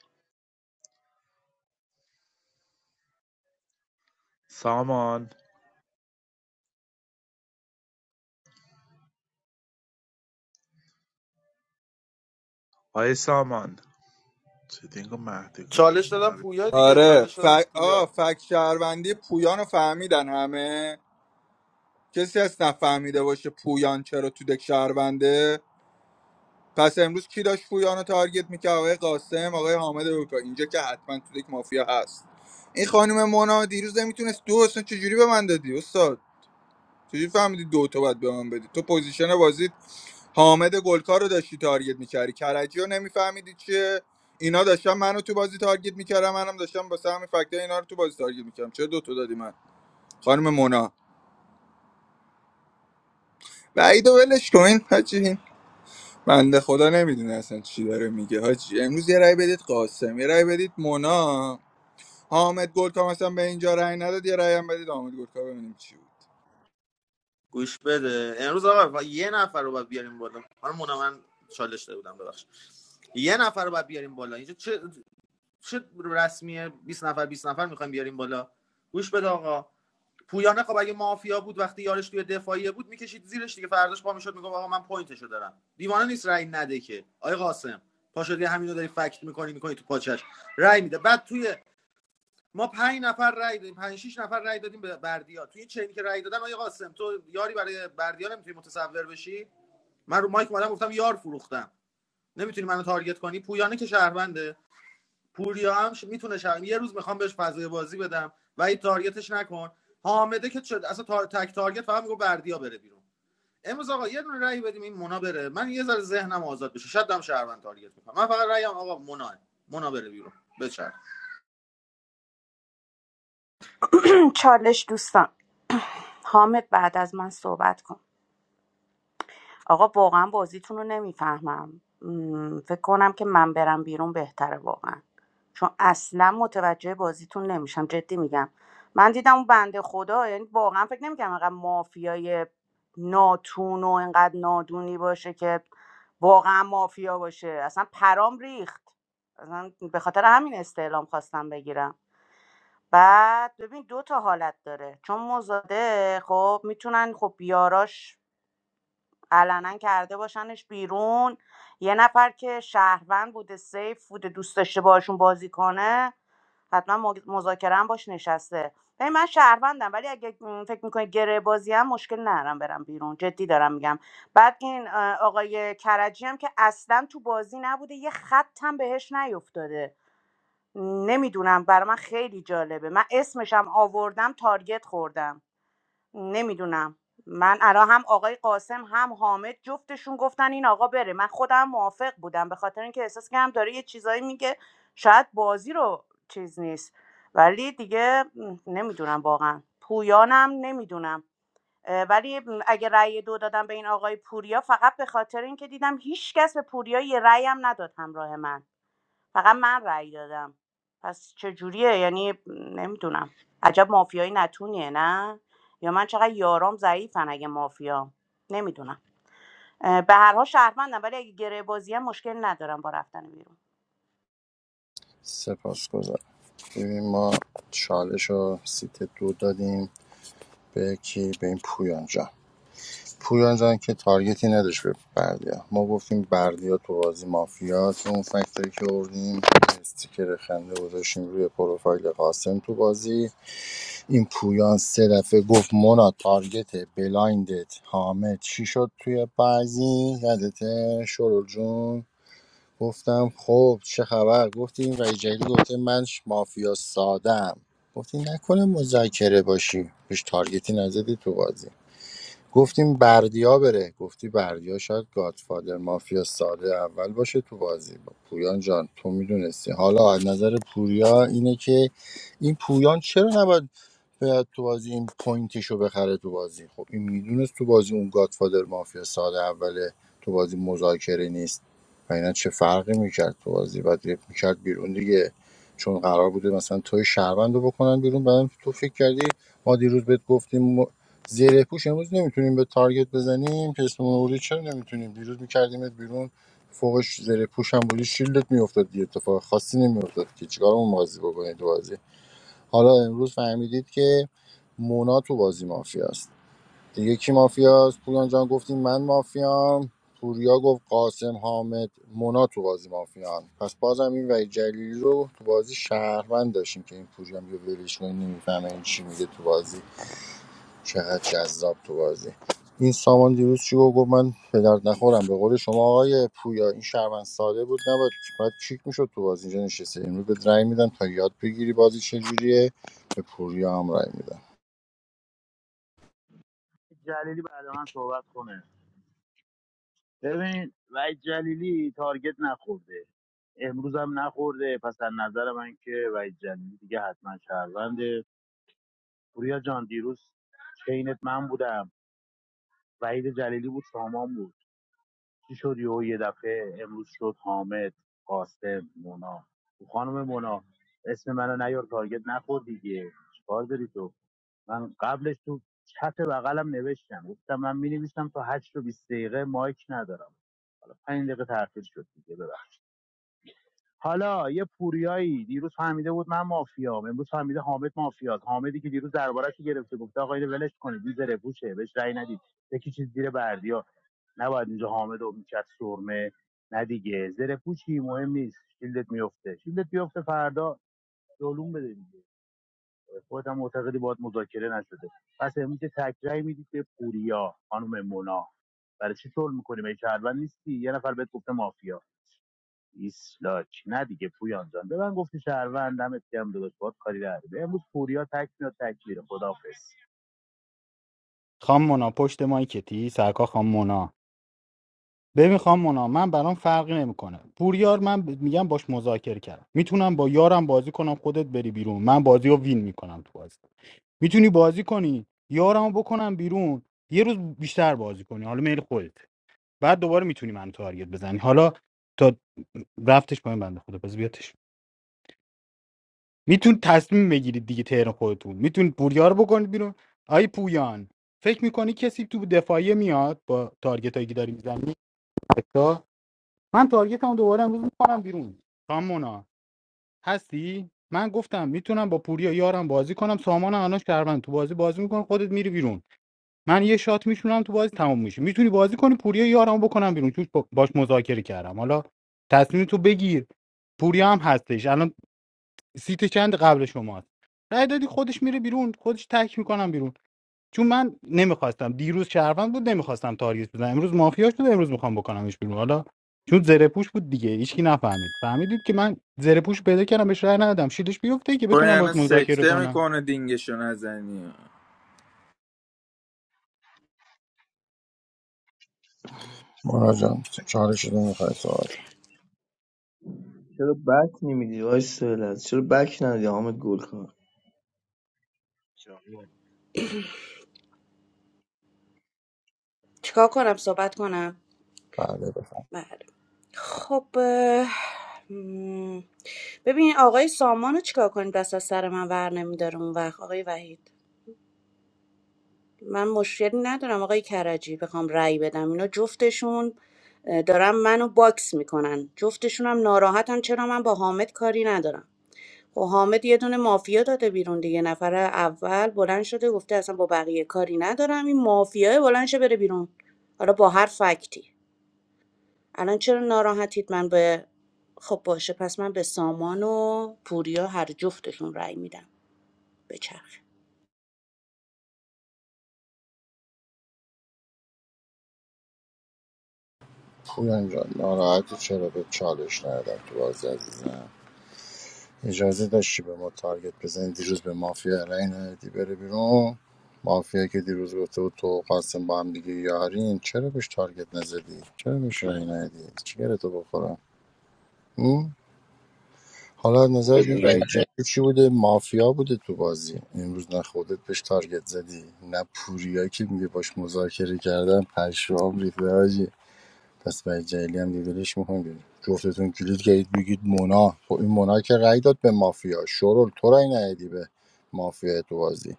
S3: سامان آقای سامان چه دینگو مهد
S9: چالش دادم پویا دیگه
S10: آره
S9: چالش
S10: ف...
S9: دادم پویا
S10: آه فک شهروندی پویان رو فهمیدن همه کسی هست نفهمیده باشه پویان چرا تو دک شهرونده پس امروز کی داشت پویان رو تارگت میکرد آقای قاسم آقای حامد لوکا اینجا که حتما تو دک مافیا هست این خانم مونا دیروز نمیتونست دو اصلا چجوری به من دادی استاد چجوری فهمیدی دو تا باید به من بدی تو پوزیشن بازیت حامد گلکار رو داشتی تارگت میکردی کرجی رو نمیفهمیدی چیه اینا داشتن منو تو بازی تارگت میکردم منم داشتم با همین فکتای اینا رو تو بازی تارگت میکردم چرا دو تا دادی من خانم مونا بعید و ولش کن حاجی این بنده خدا نمیدونه اصلا چی داره میگه حاجی امروز یه رأی بدید قاسم یه رأی بدید مونا حامد گلکار مثلا به اینجا رأی نداد یه رأی هم بدید حامد گلکار ببینیم چی بود
S9: گوش بده امروز آقا و- یه نفر رو باید بیاریم بالا حالا مونا من چالش داده بودم ببخش یه نفر رو باید بیاریم بالا اینجا چه چه رسمیه 20 نفر 20 نفر میخوایم بیاریم بالا گوش بده آقا پویانه خب اگه مافیا بود وقتی یارش توی دفاعیه بود میکشید زیرش دیگه فرداش پا میشد میگم آقا من پوینتشو دارم دیوانه نیست رأی نده که آقا قاسم پاشدی همینو داری فکت میکنی میکنی تو پاچش رأی میده بعد توی ما پنج نفر رأی دادیم پنج شش نفر رأی دادیم به بردیا توی این چنی که رأی دادن آقا قاسم تو یاری برای بردیا نمیتونی متصور بشی من رو مایک اومدم گفتم یار فروختم نمیتونی منو تارگت کنی پویانه که شهرونده پوریا هم میتونه شرم یه روز میخوام بهش فضای بازی بدم و این تارگتش نکن حامده که شد اصلا تار... تک تارگت فقط میگه بردیا بره بیرون امروز آقا یه دونه رأی بدیم این مونا بره من یه ذره ذهنم آزاد بشه شاید هم شهروند تارگت میکنم من فقط رأیم آقا مونا مونا بره بیرون بچر
S11: <clears throat> چالش دوستان حامد بعد از من صحبت کن آقا واقعا بازیتون رو نمیفهمم م، فکر کنم که من برم بیرون بهتره واقعا چون اصلا متوجه بازیتون نمیشم جدی میگم من دیدم اون بنده خدا یعنی واقعا فکر نمیکنم انقدر مافیای ناتون و انقدر نادونی باشه که واقعا مافیا باشه اصلا پرام ریخت اصلا به خاطر همین استعلام خواستم بگیرم بعد ببین دو تا حالت داره چون مزاده خب میتونن خب بیاراش علنا کرده باشنش بیرون یه نفر که شهروند بوده سیف بوده دوست داشته باشون بازی کنه حتما مذاکره هم باش نشسته ببین من شهروندم ولی اگه م، فکر میکنی گره بازی هم مشکل نرم برم بیرون جدی دارم میگم بعد این اه، آقای کرجی هم که اصلا تو بازی نبوده یه خط هم بهش نیفتاده نمیدونم برای من خیلی جالبه من اسمشم آوردم تارگت خوردم نمیدونم من الان هم آقای قاسم هم حامد جفتشون گفتن این آقا بره من خودم موافق بودم به خاطر اینکه احساس کردم داره یه چیزایی میگه شاید بازی رو چیز نیست ولی دیگه نمیدونم واقعا پویانم نمیدونم ولی م، اگه رأی دو دادم به این آقای پوریا فقط به خاطر اینکه دیدم هیچ کس به پوریا یه رأی هم نداد همراه من فقط من رأی دادم پس چجوریه یعنی نمیدونم عجب مافیایی نتونیه نه یا من چقدر یارام ضعیفن اگه مافیا نمیدونم به هر حال شهروندم ولی اگه گره بازی هم مشکل ندارم با رفتن بیرون
S2: سپاس گذار. ببین ما چالش رو سیت دو دادیم به کی به این پویان جان پویان جان که تارگتی نداشت به بردیا ما گفتیم بردیا تو بازی مافیاست اون فکتایی که آوردیم استیکر خنده گذاشتیم روی پروفایل قاسم تو بازی این پویان سه دفعه گفت مونا تارگت بلایندت حامد چی شد توی بازی یادته شرول جون گفتم خب چه خبر گفتیم و جدید گفته من مافیا سادم گفتی نکنه مذاکره باشی بهش تارگتی نزدی تو بازی گفتیم بردیا بره گفتی بردیا شاید گادفادر مافیا ساده اول باشه تو بازی با پویان جان تو میدونستی حالا از نظر پوریا اینه که این پویان چرا نباید بیاد تو بازی این پوینتشو بخره تو بازی خب این میدونست تو بازی اون گادفادر مافیا ساده اوله تو بازی مذاکره نیست و اینا چه فرقی میکرد تو بازی بعد یه میکرد بیرون دیگه چون قرار بوده مثلا توی شهروند رو بکنن بیرون بعدم تو فکر کردی ما دیروز بهت گفتیم زره پوش امروز نمیتونیم به تارگت بزنیم که اسممون آوردی چرا نمیتونیم دیروز میکردیمت بیرون فوقش زره پوش هم بودی شیلدت میافتاد دیگه اتفاق خاصی نمیافتاد که چیکار اون بازی بکنید تو بازی حالا امروز فهمیدید که مونا تو بازی مافیاست دیگه کی مافیاست پویان جان گفتیم من مافیام پوریا گفت قاسم حامد مونا تو بازی مافیان پس بازم این وحید جلیلی رو تو بازی شهروند داشتیم که این پوریا هم ولش کنیم نمیفهمه این چی میگه تو بازی چقدر جذاب تو بازی این سامان دیروز چی گفت گفت من به درد نخورم به قول شما آقای پویا این شهروند ساده بود نباید باید کیک میشد تو بازی اینجا نشسته امروز به رأی میدم تا یاد بگیری بازی چجوریه به پوریا هم رأی میدم
S18: جلیلی بعد من صحبت کنه ببین وحید جلیلی تارگت نخورده امروز هم نخورده پس از نظر من که وحید جلیلی دیگه حتما شهرونده پوریا جان دیروز چینت من بودم وحید جلیلی بود سامان بود چی شد یهو یه دفعه امروز شد حامد قاسم مونا خانم مونا اسم منو نیار تارگت نخور دیگه چیکار داری تو من قبلش تو چت بغلم نوشتم گفتم من می نویسم تا هشت و 20 دقیقه مایک ندارم حالا 5 دقیقه تاخیر شد دیگه ببخش حالا یه پوریایی دیروز فهمیده بود من مافیام امروز فهمیده حامد مافیاست حامدی که دیروز دربارش گرفته گفته آقا اینو ولش کنید بی زره پوشه بهش رأی ندید یکی چیز زیر بردیا نباید اینجا حامد و میکرد سرمه نه دیگه زره پوچی مهم نیست شیلدت میفته شیلدت میفته فردا دلون بده دیگه خودت هم معتقدی باید مذاکره نشده پس امروز یه تک میدید به پوریا خانم مونا برای چی طول میکنی به شهروند نیستی یه نفر بهت گفته مافیا ایسلاک نه دیگه پویان جان به من گفتی شهروند دمت گرم داداش باید کاری نداره امروز پوریا تک میاد تک میره خداحافظ
S1: خام مونا پشت مایکتی سرکا خام مونا ببین خام مونا من برام فرقی نمیکنه پوریار من ب- میگم باش مذاکره کردم میتونم با یارم بازی کنم خودت بری بیرون من بازی رو وین میکنم تو بازی میتونی بازی کنی یارمو بکنم بیرون یه روز بیشتر بازی کنی حالا میل خودت بعد دوباره میتونی منو تارگت بزنی حالا تا رفتش پایین بنده خدا بز بیاتش میتون تصمیم بگیرید دیگه تهران خودتون میتونید پوریا رو بکنید بیرون آی پویان فکر میکنی کسی تو دفاعیه میاد با تارگت هایی که داری میزنی من تارگت هم دوباره امروز میکنم بیرون سامونا هستی من گفتم میتونم با پوریا یارم بازی کنم سامان الان شهروند تو بازی بازی میکنه خودت میری بیرون من یه شات میشونم تو بازی تمام میشه میتونی بازی کنی پوریا یارمو بکنم بیرون چون باش مذاکره کردم حالا تصمیم تو بگیر پوریا هم هستش الان سیت چند قبل شماست رای دادی خودش میره بیرون خودش تک میکنم بیرون چون من نمیخواستم دیروز شهروند بود نمیخواستم تاریخ بزنم امروز مافیا شد امروز میخوام بکنمش بیرون حالا چون زره پوش بود دیگه هیچکی نفهمید فهمیدید که من زره پوش پیدا کردم بهش رای ندادم شیلش بیفته که
S10: تو
S1: بتونم باش
S10: یعنی
S1: مذاکره
S10: سکته
S1: کنم
S10: میکنه دینگشو نزنی
S2: مانا جان چالش رو میخوای صحبت کن
S12: چرا بک نمیدی وای سهلت چرا بک ندی حامد گلکار
S3: کودکی
S11: چیکار کنم صحبت کنم
S2: بله بفهم
S11: بله خب اه، م، ببین آقای سامان رو چیکار کنید دست از سر من ور نمیداره اون وقت آقای وحید من مشکلی ندارم آقای کرجی بخوام رأی بدم اینا جفتشون اه، دارن منو باکس میکنن جفتشون هم ناراحتن چرا من با حامد کاری ندارم خب حامد یه دونه مافیا داده بیرون دیگه نفر اول بلند شده گفته اصلا با بقیه کاری ندارم این مافیای بلند شه بره بیرون حالا با هر فکتی الان چرا ناراحتید من به خب باشه پس من به سامان و پوریا هر جفتشون رأی میدم به چرخ
S2: پویا جان ناراحتی چرا به چالش ندادم تو بازی عزیزم اجازه داشتی به ما تارگت بزنی دیروز به مافیا رای ندادی بره بیرون مافیا که دیروز گفته بود تو و قاسم با هم دیگه یارین چرا بهش تارگت نزدی چرا بهش رای ندادی چی تو بخورم هم؟ حالا از نظر رای جدید چی بوده مافیا بوده تو بازی امروز نه خودت بهش تارگت زدی نه پوریا که میگه باش مذاکره کردم پشمام ریخته پس برای جلیلی هم دیگه ولش میکنیم جفتتون کلید کردید بگید مونا خب این مونا که رأی داد به مافیا شرول تو رأی ندادی به مافیا تو بازی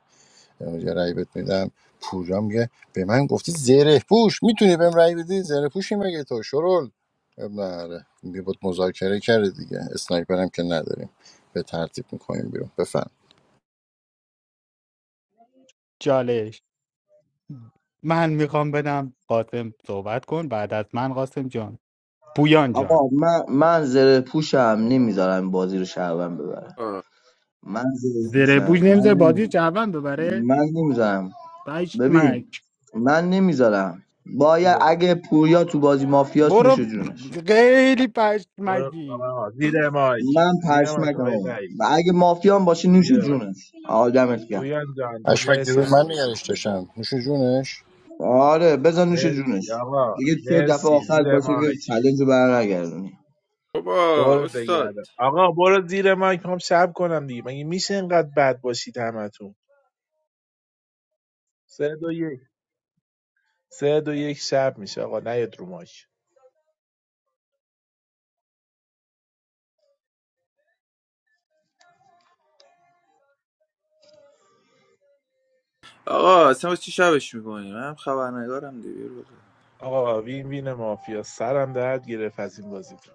S2: امروز یه رأی بهت میدم پوریا میگه به من گفتی زره پوش میتونی بهم رأی بدی زره پوشی مگه تو شرول بله میگه بود مذاکره کرده دیگه اسنایپر هم که نداریم به ترتیب میکنیم بیرون بفهم
S1: چالش من میخوام بدم قاسم صحبت کن بعد از من قاسم جان پویان جان
S12: آقا من من زره پوشم نمیذارم بازی رو شهروند ببره من زره
S1: زره
S12: پوشم
S1: بوش
S12: من
S1: نمیذاره بازی
S12: نمی‌ذارم.
S1: جوان ببره
S12: من نمیذارم ببین
S1: پشمک
S12: من نمیذارم باید اگه پوریا تو بازی مافیاس نوش
S1: برو
S12: جونش
S1: خیلی
S3: برو
S1: پشمکی
S3: آقا، زیر مایک
S12: من
S3: زیر مایک
S12: پشمکم
S3: آقای
S12: آقا
S3: وحید
S12: و اگه مافیان باشه نوش
S3: زیر مایک
S12: جونش آدمت گم
S3: پویان جان
S2: اشمک
S3: مرسی
S2: دیروز
S3: از
S2: من
S3: بازی
S2: نگرش
S3: خوب
S2: داشتم نوش جونش
S12: آره بزن نوش جونش
S3: مرسی آقا
S12: دیگه تو دفعه
S3: مرسی
S12: آخر
S3: زیر
S12: باشه که
S3: مایک
S12: چلنج رو برنگردونی
S10: بابا
S3: دور
S10: استاد
S3: بگردم آقا برو زیر مایک هم شب کنم دیگه مگه میشه اینقدر بد باشید همتون سه دو یک سه دو یک شب میشه آقا نیاد رو مایک
S10: آقا اصلا واسه چی شبش میکنی من هم خبرنگارم دیگه بیار بابا
S3: آقا وین وین مافیا سرم درد گرفت از این بازی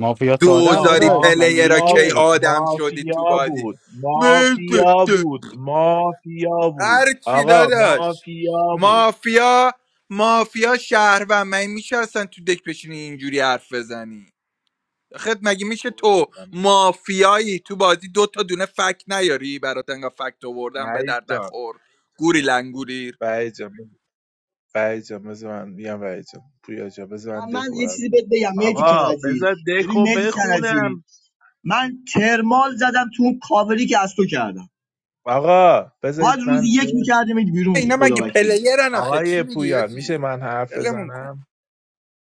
S1: مافیا ساده هم
S3: بابا
S10: دوزاری
S1: داداش مگه
S10: پلیر را
S3: مافیا
S10: کی
S3: بود
S1: میشه
S10: آدم شدی تو
S3: مافیا
S10: بازی
S3: بود مافیا بود مافیا بود
S10: هر چی
S3: آقا
S10: داداش
S3: مافیا بود
S10: مافیا مافیا شهروند من میشه اصلا تو دک بشینی اینجوری حرف بزنی خد مگه میشه
S3: خوبه
S10: تو
S3: خودم
S10: مافیایی تو بازی دو تا دونه فک نیاری برات انگار فکت آوردم به
S3: وحید
S10: درد
S3: جان
S10: نخور گوری لنگوری
S3: وحید جان وحید جان بذار من میگم وحید جان پویا جان بذار من
S12: من من
S3: دکو
S12: یه چیزی
S3: براتون
S12: بهت بگم مهدی
S3: آقا
S12: کرجی
S3: بذار
S12: ببین
S3: دکو
S12: مهدی کرجی
S3: بخونم
S12: من کرمال زدم تو اون کاوری که از تو کردم
S3: آقا
S12: باید
S3: بذارید من
S12: روزی یک
S3: سه
S12: میکردیم بیرون
S10: اینا
S12: خدا
S10: مگه
S12: وکیلی.
S10: پلیرن آخه چی
S3: آقای
S10: میگی
S3: پویان میشه
S10: آجی
S3: من حرف
S10: دلمون کن
S3: بزنم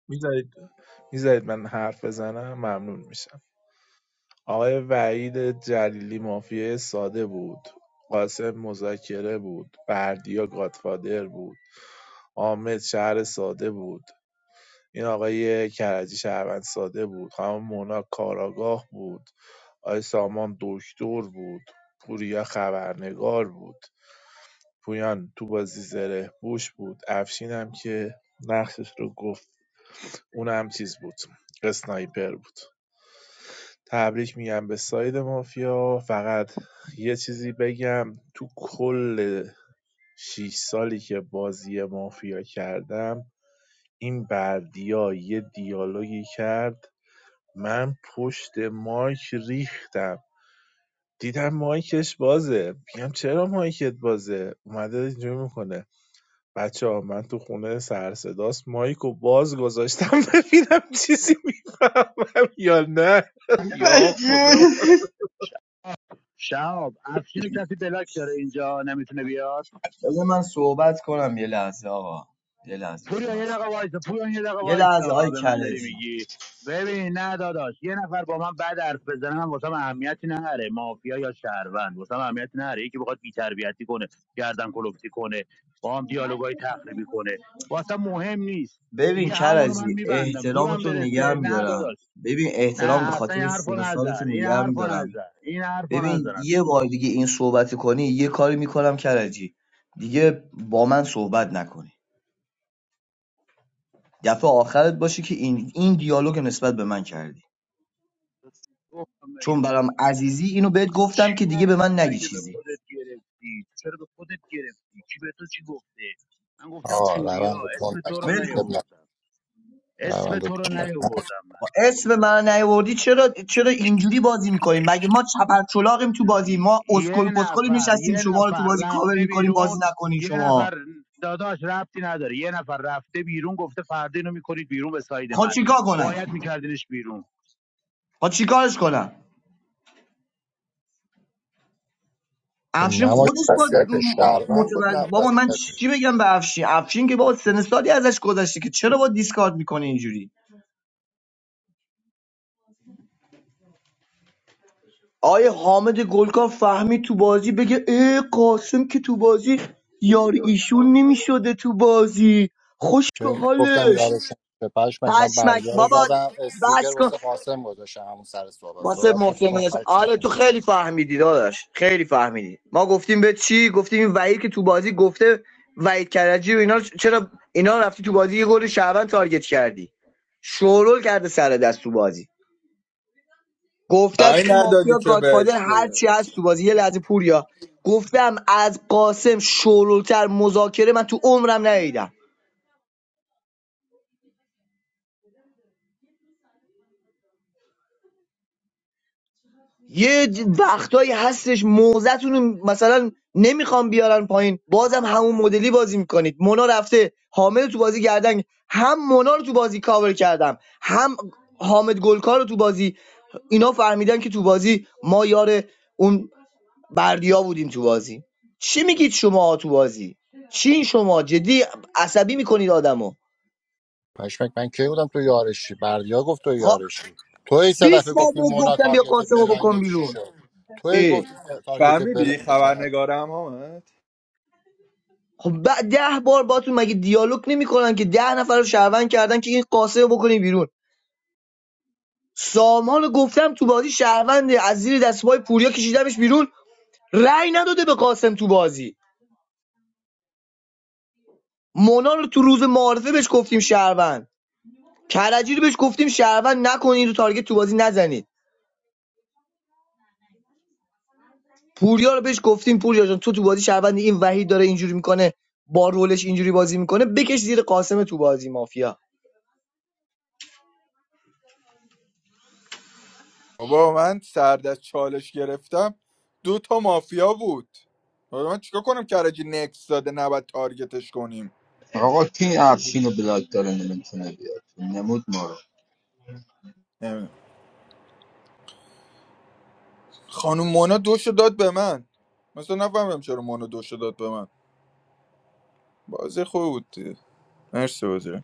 S3: میذارید میذارید من حرف بزنم ممنون میشم آقای وحید جلیلی مافیای ساده بود قاسم مذاکره بود بردیا گادفادر بود حامد شهر ساده بود این آقای کرجی شهروند ساده بود خانم مونا کاراگاه بود آقای سامان دکتر بود پوریا خبرنگار بود پویان تو بازی زره بوش بود افشین هم که نقشش رو گفت اونم چیز بود اسنایپر بود تبریک میگم به ساید مافیا فقط یه چیزی بگم تو کل شیش سالی که بازی مافیا کردم این بردیا یه دیالوگی کرد من پشت مایک ریختم دیدم مایکش بازه میگم چرا مایکت بازه اومده اینجوری میکنه بچه ها من تو خونه سرصداست مایک و باز گذاشتم <laughs> ببینم چیزی میفهمم یا نه <laughs> یا
S19: Thank
S3: خدا
S19: you.
S18: شب افشین رو کسی بلاک داره اینجا نمیتونه بیاد
S12: بذار من صحبت کنم یه لحظه آقا یه لحظه بذار
S18: پوریا
S12: من
S18: یه دقیقه
S12: صحبت.
S18: وایسا پوریا یه دقیقه
S12: یه لحظه آی
S18: وایسا به من داری
S12: کرجی
S18: میگی ببین نه داداش یه نفر با من بد حرف بزنه من واسم اهمیتی نره مافیا یا شهروند واسم اهمیتی نره یکی بخواد بی‌تربیتی کنه گردن کلفتی کنه با هم دیالوگای تخریبی کنه واسم مهم نیست
S12: ببین
S18: دیگه همونو من
S12: کرجی
S18: میبندم زورم
S12: احترامتون نگه
S18: برسه نه
S12: میدارم
S18: داداش
S12: ببین احترام به
S18: نه اصلا
S12: خاطر
S18: این حرفو
S12: سن و
S18: نزن
S12: سالتون
S18: این
S12: نگه
S18: حرفو
S12: میدارم
S18: نزن این حرفو
S12: ببین
S18: نزن
S12: یه
S18: اصلا
S12: بار دیگه این صحبت کنی یه کاری میکنم کرجی دیگه با من صحبت نکنی دفعه آخرت باشه که این این دیالوگ نسبت به من کردی
S18: گفتم
S12: چون برام عزیزی اینو
S18: به
S12: بهت
S18: تو
S12: گفتم
S18: چی
S12: که دیگه به
S18: گفتم
S12: من نگی
S18: مگه به
S12: چیزی
S18: خودت گرفتی تو چرا به خودت گرفتی کی به تو چی گفته من گفتم
S2: آه
S18: پوریا
S2: روند رو تند
S18: اسم تو
S2: نکن
S18: رو
S12: ول کن
S2: اب نه.
S18: نیاوردم اسم
S2: روند رو
S18: تو رو نیاوردم من
S12: با اسم من نیاوردی چرا چرا اینجوری بازی میکنیم مگه ما چپرچلاقیم تو بازی ما اسکل
S18: یه
S12: پسکلی
S18: نفر
S12: نشستیم
S18: یه
S12: شما رو تو
S18: نفر
S12: بازی کاور
S18: رفته
S12: میکنیم بازی
S18: بیرون
S12: نکنین
S18: یه
S12: شما
S18: نفر داداش ربطی نداره یه نفر رفته بیرون گفته فردا اینو میکنید بیرون به ساید
S12: خود
S18: من
S12: چیکار کنم
S18: باید میکردینش بیرون
S12: خود چیکارش کنم
S2: خب
S12: افشین
S2: نمای
S12: خودش با
S2: وصیت شهروند بود نه
S12: متول... بابا من
S2: وصیت
S12: چی بگم به افشین افشین که بابا سن سالی ازش گذشته که چرا با دیسکارد میکنه اینجوری آیه حامد گلکار فهمید تو بازی بگه ای قاسم که تو بازی یار ایشون نمیشده تو بازی خوش به
S2: چون من گفتم
S12: حالش
S2: یادش به پشمک من
S12: پشمک
S2: بردیا رو
S12: بابا
S2: زدم
S12: بس
S2: استیکر
S12: کن
S2: واسه قاسم گذاشتم همون سر صحبت
S12: واسه
S2: صحبت نکنم
S12: محسن
S2: پشمک
S12: آره تو خیلی فهمیدی داداش خیلی فهمیدی ما گفتیم به چی گفتیم این وحید که تو بازی گفته وحید کرجی و اینا چرا اینا رفتی تو بازی یه گل شعبان تارگت کردی شورول کرده سر دست تو بازی گفتم
S10: رای
S12: این
S10: ندادی
S12: مافیا
S10: که
S12: گادفادر
S10: بهش
S12: هر
S10: که.
S12: چی هست تو بازی یه لحظه پوریا گفتم از قاسم شورولتر مذاکره من تو عمرم ندیدم یه ج- وقتایی هستش موزتون رو مثلا نمیخوام بیارن پایین بازم همون مدلی بازی میکنید مونا رفته حامد رو تو بازی گردن هم مونا رو تو بازی کاور کردم هم حامد گلکار رو تو بازی اینا فهمیدن که تو بازی ما یار اون بردیا بودیم تو بازی چی میگید شما تو بازی چین شما جدی عصبی میکنید آدمو
S2: پشمک من کی بودم تو یارشی بردیا گفت تو
S12: خب
S2: یارشی تو این سه
S12: 20
S2: دفعه
S12: بار
S2: گفتی
S12: بهت
S2: مونا
S12: گفتم بیا
S2: تارگت
S12: قاسمو بکن
S2: بلایند چی
S12: بیرون
S2: شد تو هی
S12: اه.
S2: گفتی تارگت
S10: فهمیدی
S2: بلایند
S10: خبرنگارم آمد
S12: خب بعد ده بار باتون مگه دیالوگ نمیکنن که ده نفر رو شهروند کردن که این قاسه رو بکنی بیرون سامان رو گفتم تو بازی شهرونده از زیر دستبای پوریا کشیدمش بیرون رأی نداده به قاسم تو بازی مونا رو تو روز معارفه بهش گفتیم شهروند کرجی رو بهش گفتیم شهروند نکنین رو تارگت تو بازی نزنید پوریا رو بهش گفتیم پوریا جان تو تو بازی شهروند این وحید داره اینجوری میکنه با رولش اینجوری بازی میکنه بکش زیر قاسم تو بازی مافیا
S10: بابا من سرد از چالش گرفتم دو تا مافیا بود بابا من چیکار کنم کرجی نکس داده نباید تارگتش کنیم
S19: آقا کی افشین رو بلاک داره نمیتونه بیاد نمود ما رو
S10: نمی‌دونم. خانم مونا دوشو داد به من مثلا نفهمم چرا مونا دوشو داد به من بازی خوب بود دیگه. مرسی بازی رو.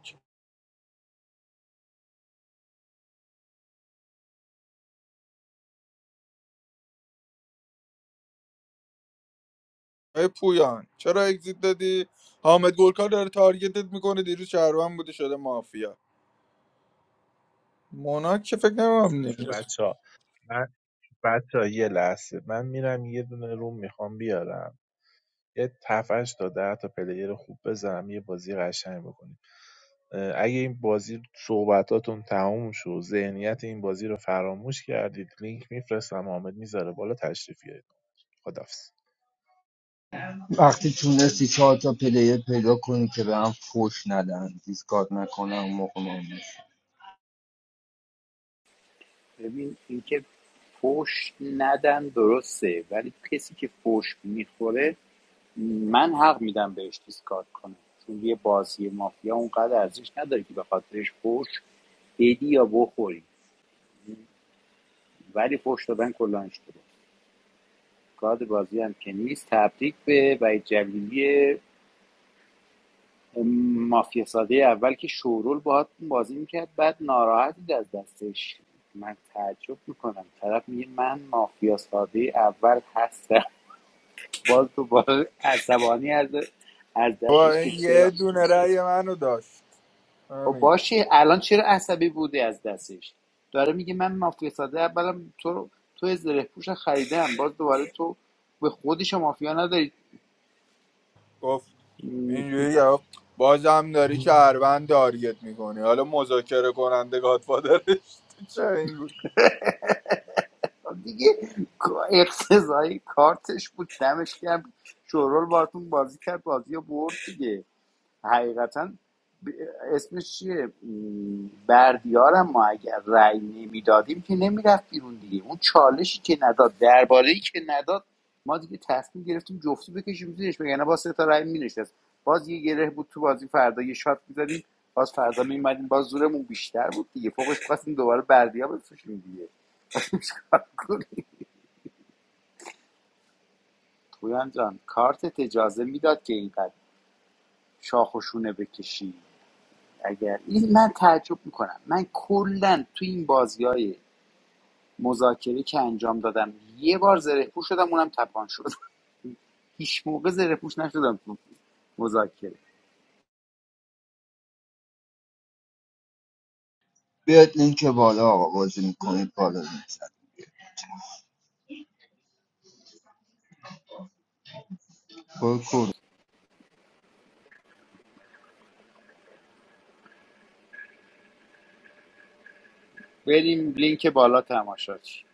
S10: آقای پویان چرا اگزیت دادی حامد گلکار داره تارگتت میکنه دیروز شهروند بوده شده مافیا مونا که فکر نمیم نمیرفت
S3: بچه ها من بچه ها یه لحظه من میرم یه دونه روم میخوام بیارم یه تفش تا ده تا پلیر خوب بزنم یه بازی قشنگ بکنیم اگه این بازی صحبتاتون تموم شد ذهنیت این بازی رو فراموش کردید لینک میفرستم حامد میذاره بالا تشریف بیارید خدافز
S19: وقتی تونستی چهار تا پلیر پیدا کنی که به هم فوش ندن دیسکارد نکنن اون موقع ما میشه
S13: ببین اینکه فوش ندن درسته ولی کسی که فوش میخوره من حق میدم بهش دیسکارد کنه. چون یه بازی مافیا اونقدر ارزش نداره که به خاطرش فوش بدی یا بخوری ولی فوش دادن کلانش داره کارد بازی هم که نیست تبریک به وحید جلیلی مافیا ساده اول که شورول باهاتون بازی میکرد بعد ناراحتی از دستش من تعجب میکنم طرف میگه من مافیا ساده اول هستم باز دوباره عصبانی از از
S10: با
S13: دستش که
S10: این یه
S13: چرا
S10: دونه رأی منو داشت
S13: خب
S10: همین
S13: باشه الان چرا عصبی بوده از دستش داره میگه من مافیا ساده اولا تو تو از زره پوش خریدم باز دوباره تو به خودش مافیا نداری
S10: گفت
S13: م،
S10: اینجوری گفت بازم داری شهروند تارگت میکنی حالا مذاکره کننده گادفادرش <laughs> چه این
S13: دیگه اقتضایی کارتش بود دمش کرد شورول باتون بازی کرد بازی رو برد دیگه حقیقتا اسمش چیه م، بردیارم ما اگر رأی نمیدادیم که نمیرفت بیرون دیگه اون چالشی که نداد درباره ای که نداد ما دیگه تصمیم گرفتیم جفتی بکشیم زیرش وگرنه با سه تا رأی مینشست باز یه گره بود تو بازی فردا یه شات میزدیم باز فردا میمدیم باز زورمون بیشتر بود دیگه فوقش خواستیم دوباره بردیا بفروشیم دیگه <laughs> پویان جان کارت اجازه میداد که اینقدر شاخ و شونه بکشی اگر این من تعجب میکنم من کلا تو این بازی های مذاکره که انجام دادم یه بار زره پوش شدم اونم تپان شد <laughs> هیچ موقع زره پوش نشدم تو مذاکره
S19: بیاد لینک بالا آقا بازی میکنید بالا لینک زد
S13: بریم لینک بالا تماشاش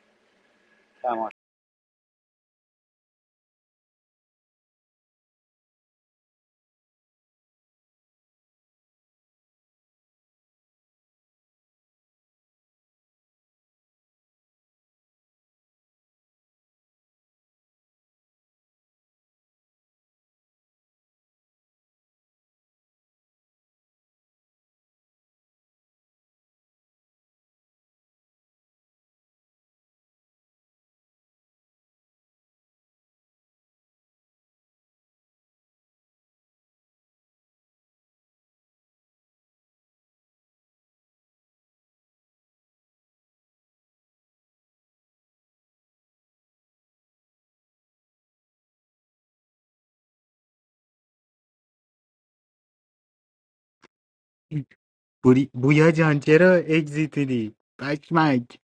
S1: بوری... بویا جان چرا اگزیتیدی پشمک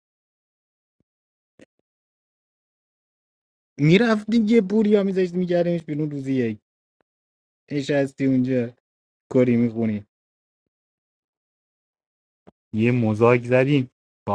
S1: میرفت دیگه بوریا میذاشت میگردمش بیرون روزی یک نشستی اونجا کری میخونی یه مزاک زدیم <laughs>